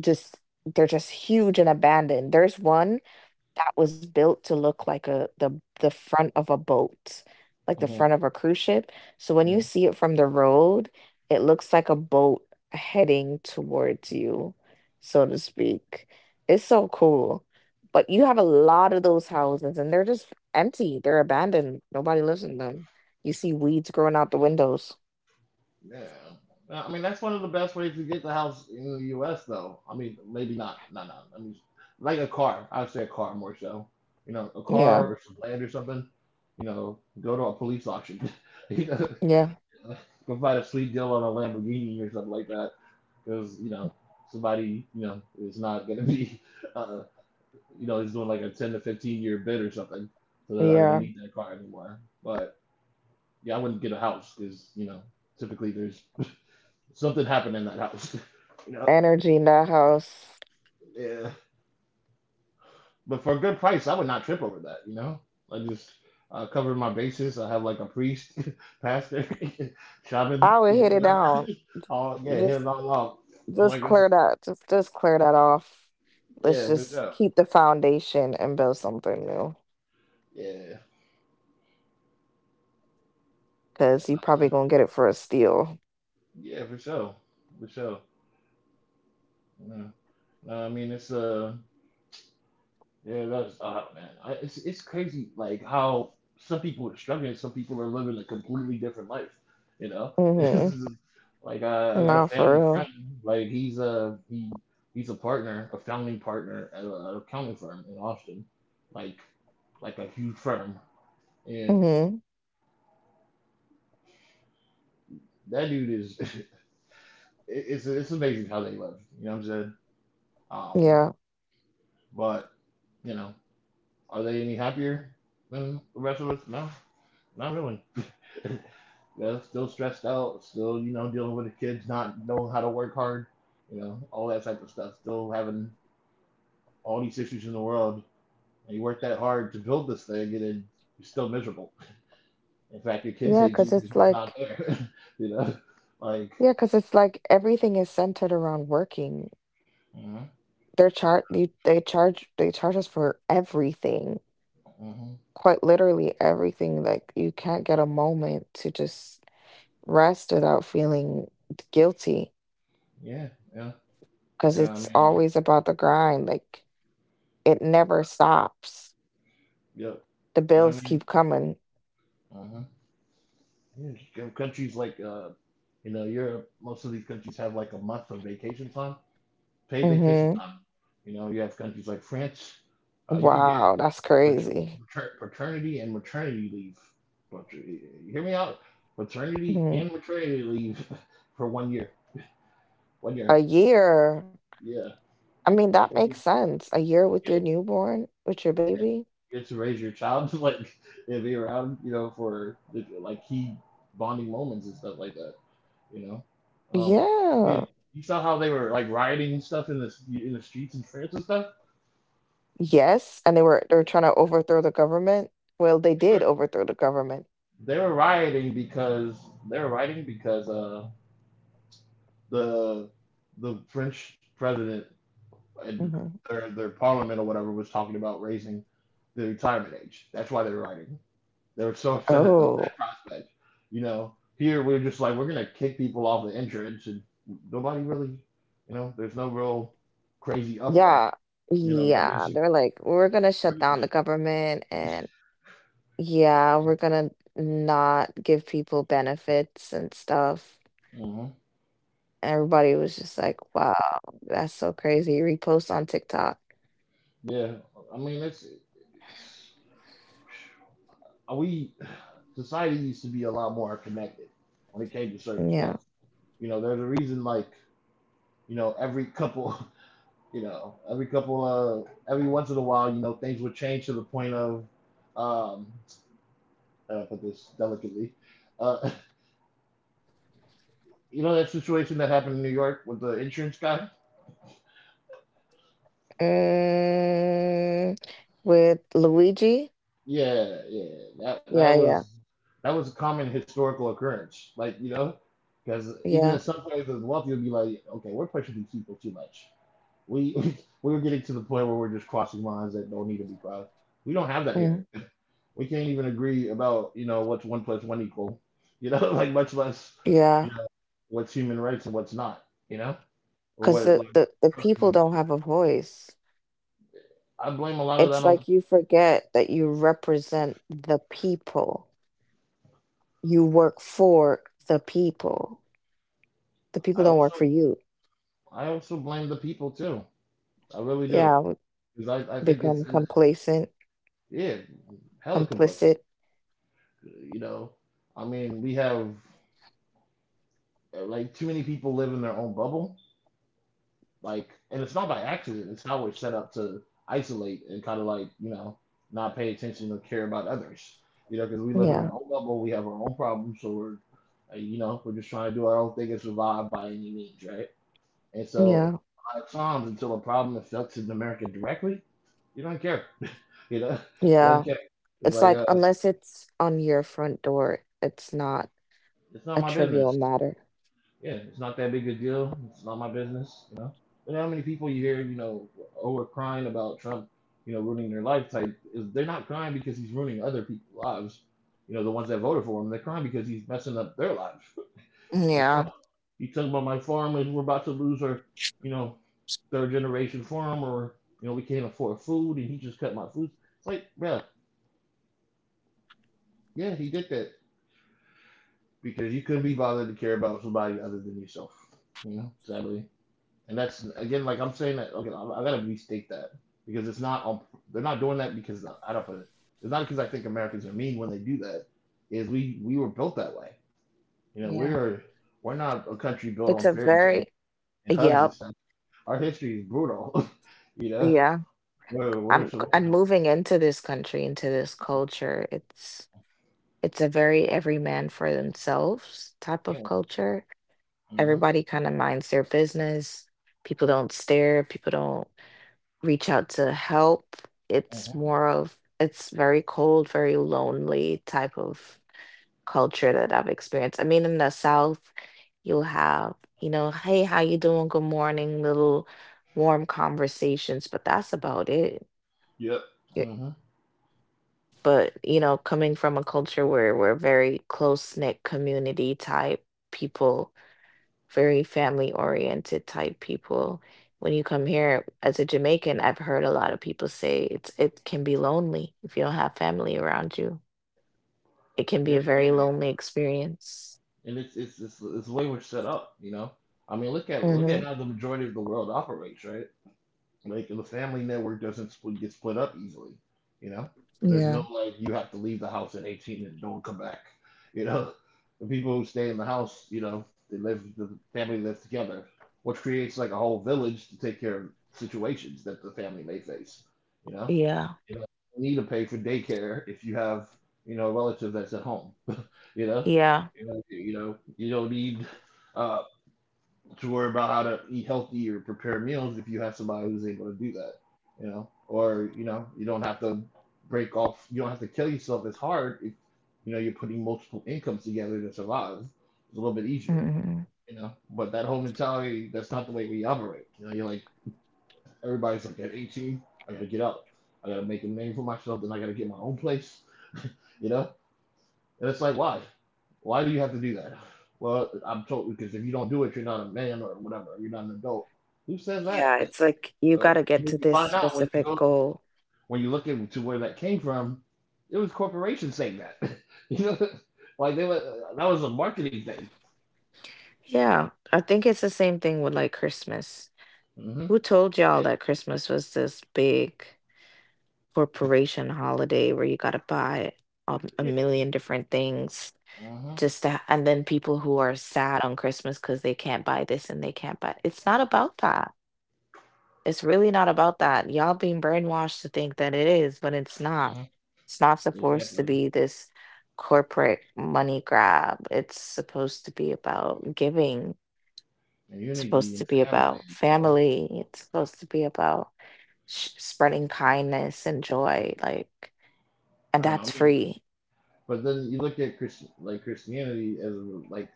[SPEAKER 2] just they're just huge and abandoned. There's one that was built to look like a the front of a boat, like the front
[SPEAKER 1] Mm-hmm.
[SPEAKER 2] of a cruise ship. So when you
[SPEAKER 1] Hmm.
[SPEAKER 2] see it from the road, it looks like a boat heading towards you, so to speak. It's so cool. But you have a lot of those houses and they're just empty. They're abandoned. Nobody lives in them. You see weeds growing out the windows.
[SPEAKER 1] Yeah. I mean, that's one of the best ways to get the house in the U.S. though. I mean, maybe not, no, no. I mean, like a car. I'd say a car more so. You know, a car
[SPEAKER 2] Yeah.
[SPEAKER 1] or some land or something. You know, go to a police auction. You know,
[SPEAKER 2] Yeah.
[SPEAKER 1] go find a sweet deal on a Lamborghini or something like that, because you know somebody you know is not going to be uh, you know, is doing like a 10 to 15 year bid or something, so they're not going to
[SPEAKER 2] Yeah.
[SPEAKER 1] need that car anymore. But yeah, I wouldn't get a house because, you know, typically there's something happened in that house you know.
[SPEAKER 2] Energy in that house.
[SPEAKER 1] Yeah, but for a good price I would not trip over that, you know. I just, cover my bases. I have like a priest, pastor, shaman,
[SPEAKER 2] I would
[SPEAKER 1] you know,
[SPEAKER 2] hit it
[SPEAKER 1] whatever.
[SPEAKER 2] down.
[SPEAKER 1] All, yeah,
[SPEAKER 2] Just.
[SPEAKER 1] him all off,
[SPEAKER 2] Just
[SPEAKER 1] like it's,
[SPEAKER 2] clear that, just clear that off. Let's
[SPEAKER 1] yeah, for
[SPEAKER 2] just
[SPEAKER 1] sure.
[SPEAKER 2] keep the foundation and build something new
[SPEAKER 1] Yeah.
[SPEAKER 2] because you
[SPEAKER 1] Yeah.
[SPEAKER 2] probably gonna get it for a steal.
[SPEAKER 1] Yeah, for sure. For sure. Yeah. No, I mean it's yeah, that's man, it's crazy like how some people are struggling, some people are living a completely different life, you know. It's
[SPEAKER 2] Mm-hmm.
[SPEAKER 1] just, like I got a
[SPEAKER 2] Not for
[SPEAKER 1] family friend,
[SPEAKER 2] real.
[SPEAKER 1] like he's a partner, a founding partner at at accounting firm in Austin, like a huge firm. And
[SPEAKER 2] Mm-hmm.
[SPEAKER 1] that dude is, it's amazing how they live, you know what I'm saying, um
[SPEAKER 2] Yeah.
[SPEAKER 1] but you know. Are they any happier than the rest of us? No, not really. They're still stressed out, still, you know, dealing with the kids not knowing how to work hard, you know, all that type of stuff. Still having all these issues in the world. And you work that hard to build this thing, and then you're still miserable. In fact, your kids
[SPEAKER 2] yeah
[SPEAKER 1] hate you
[SPEAKER 2] because
[SPEAKER 1] because
[SPEAKER 2] it's
[SPEAKER 1] you were not
[SPEAKER 2] like
[SPEAKER 1] there, you know? Like,
[SPEAKER 2] Yeah, because it's like everything is centered around working.
[SPEAKER 1] hmm.
[SPEAKER 2] They charge us for everything,
[SPEAKER 1] Hmm.
[SPEAKER 2] quite literally everything. Like you can't get a moment to just rest without feeling guilty
[SPEAKER 1] Yeah, yeah,
[SPEAKER 2] because
[SPEAKER 1] yeah, I mean,
[SPEAKER 2] it's always about the grind. Like it never stops.
[SPEAKER 1] yep.
[SPEAKER 2] The
[SPEAKER 1] I
[SPEAKER 2] bills
[SPEAKER 1] mean,
[SPEAKER 2] keep coming.
[SPEAKER 1] hmm. Yeah, countries like you know, Europe, most of these countries have like a month of vacation time, paid vacation
[SPEAKER 2] Mm-hmm.
[SPEAKER 1] time. You know, you have countries like France. You can get
[SPEAKER 2] Wow, that's crazy.
[SPEAKER 1] pater- paternity and maternity leave. You hear me out? Paternity
[SPEAKER 2] Hmm
[SPEAKER 1] and maternity leave for 1 year. 1 year.
[SPEAKER 2] A year.
[SPEAKER 1] Yeah.
[SPEAKER 2] I mean, that makes sense. A year with your
[SPEAKER 1] Yeah.
[SPEAKER 2] newborn, with your
[SPEAKER 1] And
[SPEAKER 2] baby.
[SPEAKER 1] you get to raise your child to like and be around, you know, for the, like, key bonding moments and stuff like that. You know, um, I mean,
[SPEAKER 2] Yeah.
[SPEAKER 1] you saw how they were like rioting and stuff in the streets in France and stuff.
[SPEAKER 2] Yes, and they were trying to overthrow the government. Well, they
[SPEAKER 1] They
[SPEAKER 2] did
[SPEAKER 1] were,
[SPEAKER 2] overthrow the government.
[SPEAKER 1] they were rioting because they were rioting because uh the the French president and
[SPEAKER 2] Mhm.
[SPEAKER 1] their parliament or whatever was talking about raising the retirement age. That's why they were rioting. They were so upset at the that
[SPEAKER 2] Oh.
[SPEAKER 1] prospect. You know, here we're just like we're gonna kick people off the insurance, and nobody really, you know, there's no real crazy
[SPEAKER 2] yeah.
[SPEAKER 1] upper. You know, like
[SPEAKER 2] Yeah,
[SPEAKER 1] as,
[SPEAKER 2] they're like, "We're gonna shut down the government and yeah, we're gonna not give people benefits and stuff."
[SPEAKER 1] hmm,
[SPEAKER 2] And everybody was just like, "Wow, that's so crazy." Repost on TikTok.
[SPEAKER 1] yeah. I mean, it's we society used to be a lot more connected when it came to certain
[SPEAKER 2] Yeah.
[SPEAKER 1] stuff. You know, there's a reason like, you know, every once in a while, you know, things would change to the point of, um, put this delicately. Uh, you know that situation that happened in New York with the insurance guy?
[SPEAKER 2] Mm, with Luigi?
[SPEAKER 1] Yeah, yeah. That
[SPEAKER 2] Yeah, yeah.
[SPEAKER 1] was, that was a common historical occurrence. Like, you know, because even in
[SPEAKER 2] Yeah.
[SPEAKER 1] some places of the wealthy would be like, okay, we're pushing these people too much. We we are getting to the point where we're just crossing lines that don't need to be crossed. We don't have that
[SPEAKER 2] Mm,
[SPEAKER 1] here. We can't even agree about, you know, what's one plus one equal. You know, like much less,
[SPEAKER 2] yeah.
[SPEAKER 1] you know, what's human rights and what's not. You know, or
[SPEAKER 2] 'Cause
[SPEAKER 1] what, like,
[SPEAKER 2] the people don't have a voice.
[SPEAKER 1] I blame a lot of
[SPEAKER 2] It's
[SPEAKER 1] that
[SPEAKER 2] like
[SPEAKER 1] on.
[SPEAKER 2] you forget that you represent the people. You work for the people. The
[SPEAKER 1] I
[SPEAKER 2] people don't work
[SPEAKER 1] also
[SPEAKER 2] for you.
[SPEAKER 1] I also blame the people too. I really do,
[SPEAKER 2] Yeah, we
[SPEAKER 1] because I think
[SPEAKER 2] become
[SPEAKER 1] it's,
[SPEAKER 2] complacent,
[SPEAKER 1] yeah, hella complacent.
[SPEAKER 2] complicit.
[SPEAKER 1] You know, I mean, we have like, too many people live in their own bubble. Like, and it's not by accident. It's how we're set up to isolate and kind of, like, you know, not pay attention or care about others. You know, because we live in
[SPEAKER 2] Yeah,
[SPEAKER 1] our own bubble, we have our own problems, so we're you know we're just trying to do our own thing and survive by any means, right? And so
[SPEAKER 2] yeah,
[SPEAKER 1] a lot of times until a problem affects America directly, you don't care. You know, you don't
[SPEAKER 2] yeah.
[SPEAKER 1] care. It's
[SPEAKER 2] It's
[SPEAKER 1] like
[SPEAKER 2] like unless it's on your front door, it's not
[SPEAKER 1] it's not
[SPEAKER 2] a
[SPEAKER 1] my
[SPEAKER 2] trivial
[SPEAKER 1] business.
[SPEAKER 2] matter.
[SPEAKER 1] Yeah, it's not that big a deal. It's not my business. You know how many people you hear, you know, over crying about Trump, you know, ruining their life type is, they're not crying because he's ruining other people's lives. You know, the ones that voted for him, they're crying because he's messing up their lives. What's
[SPEAKER 2] Yeah,
[SPEAKER 1] up? You talking about my farmers? We're about to lose our, you know, third generation farmer. You know, we can't afford food, and he just cut my food. It's like, bruh, yeah, he did that because you couldn't be bothered to care about somebody other than yourself. You know, sadly, and that's again, like I'm saying that. Okay, I gotta restate that because it's not. They're not doing that because I don't put it. It's not because I think Americans are mean when they do that. Is we were built that way. You know, we
[SPEAKER 2] yeah.
[SPEAKER 1] are, we're not a country built
[SPEAKER 2] It's
[SPEAKER 1] on
[SPEAKER 2] a
[SPEAKER 1] fairy tales
[SPEAKER 2] very,
[SPEAKER 1] and hugs and
[SPEAKER 2] yep,
[SPEAKER 1] stuff. Our history is brutal. You know,
[SPEAKER 2] yeah.
[SPEAKER 1] we're we're, so
[SPEAKER 2] I'm
[SPEAKER 1] we're
[SPEAKER 2] moving into this country, into this culture. It's. It's a very every man for themselves type of
[SPEAKER 1] yeah.
[SPEAKER 2] culture.
[SPEAKER 1] Mhm.
[SPEAKER 2] Everybody kind of minds their business. People don't stare, people don't reach out to help. It's
[SPEAKER 1] Hmm.
[SPEAKER 2] more of it's very cold, very lonely type of culture that I've experienced. I mean, in the South, you'll have, you know, hey, how you doing? Good morning, little warm conversations, but that's about it.
[SPEAKER 1] Yep. Hmm.
[SPEAKER 2] But you know, coming from a culture where we're very close knit community type people, very family oriented type people, when you come here as a Jamaican, I've heard a lot of people say it's it can be lonely if you don't have family around you. It can be
[SPEAKER 1] Yeah,
[SPEAKER 2] a
[SPEAKER 1] it
[SPEAKER 2] very
[SPEAKER 1] can be.
[SPEAKER 2] lonely experience.
[SPEAKER 1] And it's the way we're set up, you know. I mean, look at
[SPEAKER 2] Mhm.
[SPEAKER 1] how the majority of the world operates, right? Like the family network doesn't split, get split up easily, you know. There's
[SPEAKER 2] Yeah.
[SPEAKER 1] no like you have to leave the house at 18 and don't come back, you know. The people who stay in the house, you know, they live the family lives together, which creates like a whole village to take care of situations that the family may face, you know.
[SPEAKER 2] Yeah.
[SPEAKER 1] You know, not need to pay for daycare if you have, you know, a relative that's at home. You know,
[SPEAKER 2] Yeah.
[SPEAKER 1] you know, you don't need uh, to worry about how to eat healthy or prepare meals if you have somebody who's able to do that. You know, or you know, you don't have to break off. You don't have to kill yourself as hard if you know you're putting multiple incomes together to survive. It's a little bit easier.
[SPEAKER 2] Mhm.
[SPEAKER 1] You know, but that whole mentality, that's not the way we operate. You know, you're like everybody's like at 18, I gotta get up, I gotta make a name for myself, then I gotta get my own place. You know, and it's like, why? Why do you have to do that? Well, I'm told because if you don't do it, you're not a man or whatever. You're not an adult. Who says that?
[SPEAKER 2] Yeah, it's like you
[SPEAKER 1] Uh,
[SPEAKER 2] got to get
[SPEAKER 1] and
[SPEAKER 2] to
[SPEAKER 1] then you
[SPEAKER 2] this
[SPEAKER 1] find out when you
[SPEAKER 2] specific
[SPEAKER 1] go,
[SPEAKER 2] goal.
[SPEAKER 1] when you look into where that came from, it was corporations saying that. You know, like they were, that was a marketing thing.
[SPEAKER 2] Yeah, I think it's the same thing with like Christmas. Who
[SPEAKER 1] Hmm.
[SPEAKER 2] told y'all that Christmas was this big corporation holiday where you got to buy
[SPEAKER 1] Yeah.
[SPEAKER 2] a million different things
[SPEAKER 1] Hmm.
[SPEAKER 2] just to, and then people who are sad on Christmas because they can't buy this and they can't buy. It's not about that. It's really not about that. Y'all being brainwashed to think that it is, but it's not.
[SPEAKER 1] Hmm.
[SPEAKER 2] It's not supposed
[SPEAKER 1] Exactly.
[SPEAKER 2] to be this corporate money grab. It's supposed to be about giving,
[SPEAKER 1] And
[SPEAKER 2] it's
[SPEAKER 1] unity
[SPEAKER 2] supposed
[SPEAKER 1] and
[SPEAKER 2] to be
[SPEAKER 1] family and
[SPEAKER 2] about
[SPEAKER 1] stuff.
[SPEAKER 2] family. It's supposed to be about spreading kindness and joy, like, and
[SPEAKER 1] Don't know,
[SPEAKER 2] that's
[SPEAKER 1] I mean,
[SPEAKER 2] free.
[SPEAKER 1] but then you look at Christian, like Christianity as like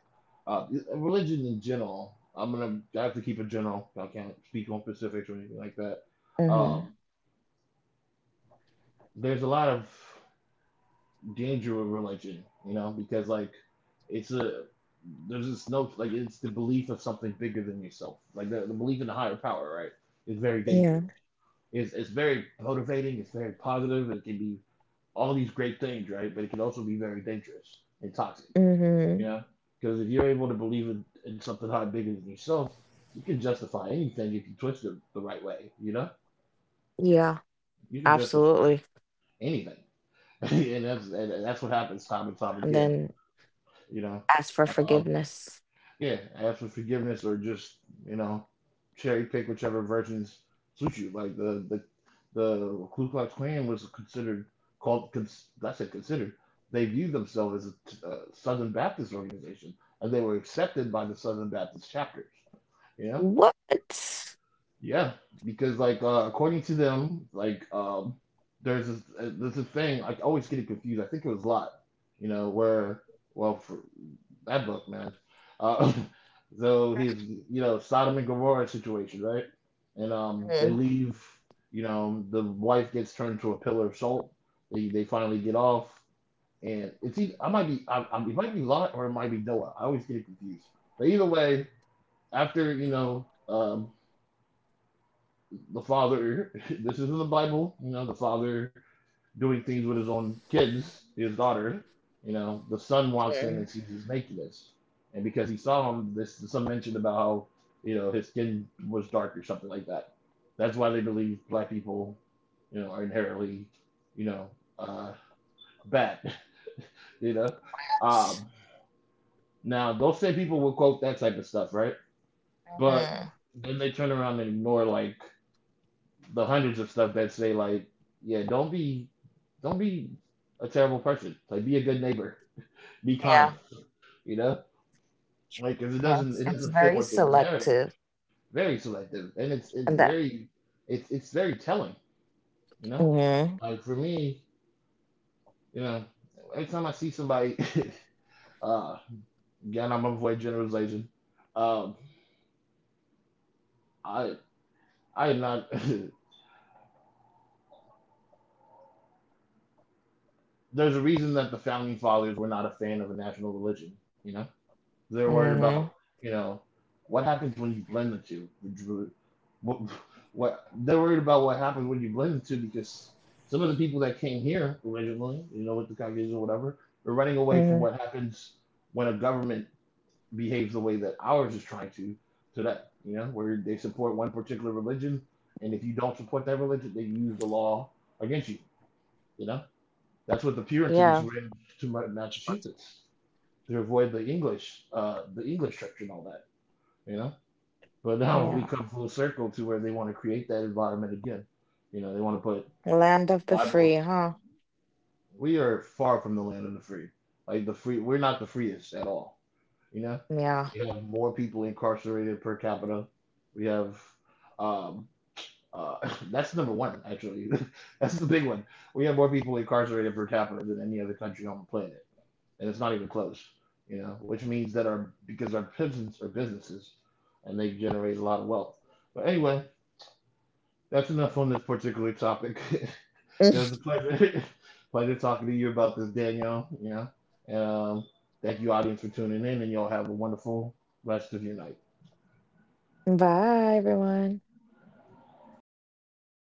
[SPEAKER 1] uh, religion in general. I'm gonna, I have to keep it general. I can't speak on specifics or anything like that.
[SPEAKER 2] Hmm
[SPEAKER 1] Um, there's a lot of danger with religion, you know, because like it's a, there's this no like it's the belief of something bigger than yourself, like the belief in a higher power, right? Is very
[SPEAKER 2] Yeah.
[SPEAKER 1] dangerous. It's very motivating. It's very positive. It can be all these great things, right? But it can also be very dangerous and toxic, you
[SPEAKER 2] Mm-hmm.
[SPEAKER 1] know? Because if you're able to believe in something higher, bigger than yourself, you can justify anything if you twist it the right way, you know?
[SPEAKER 2] Yeah,
[SPEAKER 1] You can justify
[SPEAKER 2] absolutely.
[SPEAKER 1] anything. And that's what happens time and time
[SPEAKER 2] And
[SPEAKER 1] again,
[SPEAKER 2] then
[SPEAKER 1] you know?
[SPEAKER 2] ask for
[SPEAKER 1] Uh,
[SPEAKER 2] forgiveness.
[SPEAKER 1] Yeah, ask for forgiveness or just, you know, cherry pick whichever versions suit you. Like the Ku Klux Klan was considered, called. Cons, I said considered. They viewed themselves as a Southern Baptist organization, and they were accepted by the Southern Baptist chapters. Yeah,
[SPEAKER 2] What?
[SPEAKER 1] yeah, because like according to them, like there's this there's a thing, I always get it confused. I think it was Lot. You know where, well for, that book, man. Uh, so he's, you know, Sodom and Gomorrah situation, right? And they
[SPEAKER 2] Mhm.
[SPEAKER 1] leave. You know, the wife gets turned to a pillar of salt. They finally get off, and it's either, I might be, it might be Lot or it might be Noah. I always get confused. But either way, after, you know, the father. This is in the Bible. You know, the father doing things with his own kids, his daughter. You know, the son walks in and
[SPEAKER 2] Mhm.
[SPEAKER 1] sees his nakedness, and because he saw him, this some mentioned about how, you know, his skin was dark or something like that. That's why they believe black people, you know, are inherently, you know, uh, bad. You know, um, now those same people will quote that type of stuff, right? But then they turn around and ignore like the hundreds of stuff that say like, yeah, don't be a terrible person. Like, be a good neighbor, be kind.
[SPEAKER 2] Yeah,
[SPEAKER 1] You know, like cause it
[SPEAKER 2] yeah.
[SPEAKER 1] doesn't it
[SPEAKER 2] It's
[SPEAKER 1] doesn't fit
[SPEAKER 2] very
[SPEAKER 1] with the narrative.
[SPEAKER 2] selective,
[SPEAKER 1] Very selective, and it's
[SPEAKER 2] and that.
[SPEAKER 1] very, it's very telling. You know,
[SPEAKER 2] Hmm
[SPEAKER 1] like for me, you know, every time I see somebody, uh, again, I'm gonna avoid generalization. Um, I I am not. There's a reason that the founding fathers were not a fan of a national religion. You know, they're worried
[SPEAKER 2] hmm
[SPEAKER 1] about, you know, what happens when you blend the two. What, what they're worried about what happens when you blend the two because some of the people that came here originally, you know, with the Caucasian or whatever, they're running away from
[SPEAKER 2] Mm-hmm.
[SPEAKER 1] what happens when a government behaves the way that ours is trying to today. You know, where they support one particular religion, and if you don't support that religion, they use the law against you. You know, that's what the Puritans
[SPEAKER 2] Yeah,
[SPEAKER 1] were in to Massachusetts to avoid the English church and all that, you know. But now
[SPEAKER 2] yeah.
[SPEAKER 1] we come full circle to where they want to create that environment again. You know, they want to put
[SPEAKER 2] Land of the
[SPEAKER 1] Bible.
[SPEAKER 2] free, huh?
[SPEAKER 1] We are far from the land of the free. Like the free, we're not the freest at all. You know,
[SPEAKER 2] Yeah.
[SPEAKER 1] we have more people incarcerated per capita. We have, um, uh, that's number one actually. That's the big one. We have more people incarcerated per capita than any other country on the planet, and it's not even close. You know, which means that our, because our peasants are businesses, and they generate a lot of wealth. But anyway, that's enough on this particular topic. It was a pleasure, pleasure talking to you about this, Daniel. You know, um, thank you, audience, for tuning in, and y'all have a wonderful rest of your night.
[SPEAKER 2] Bye, everyone.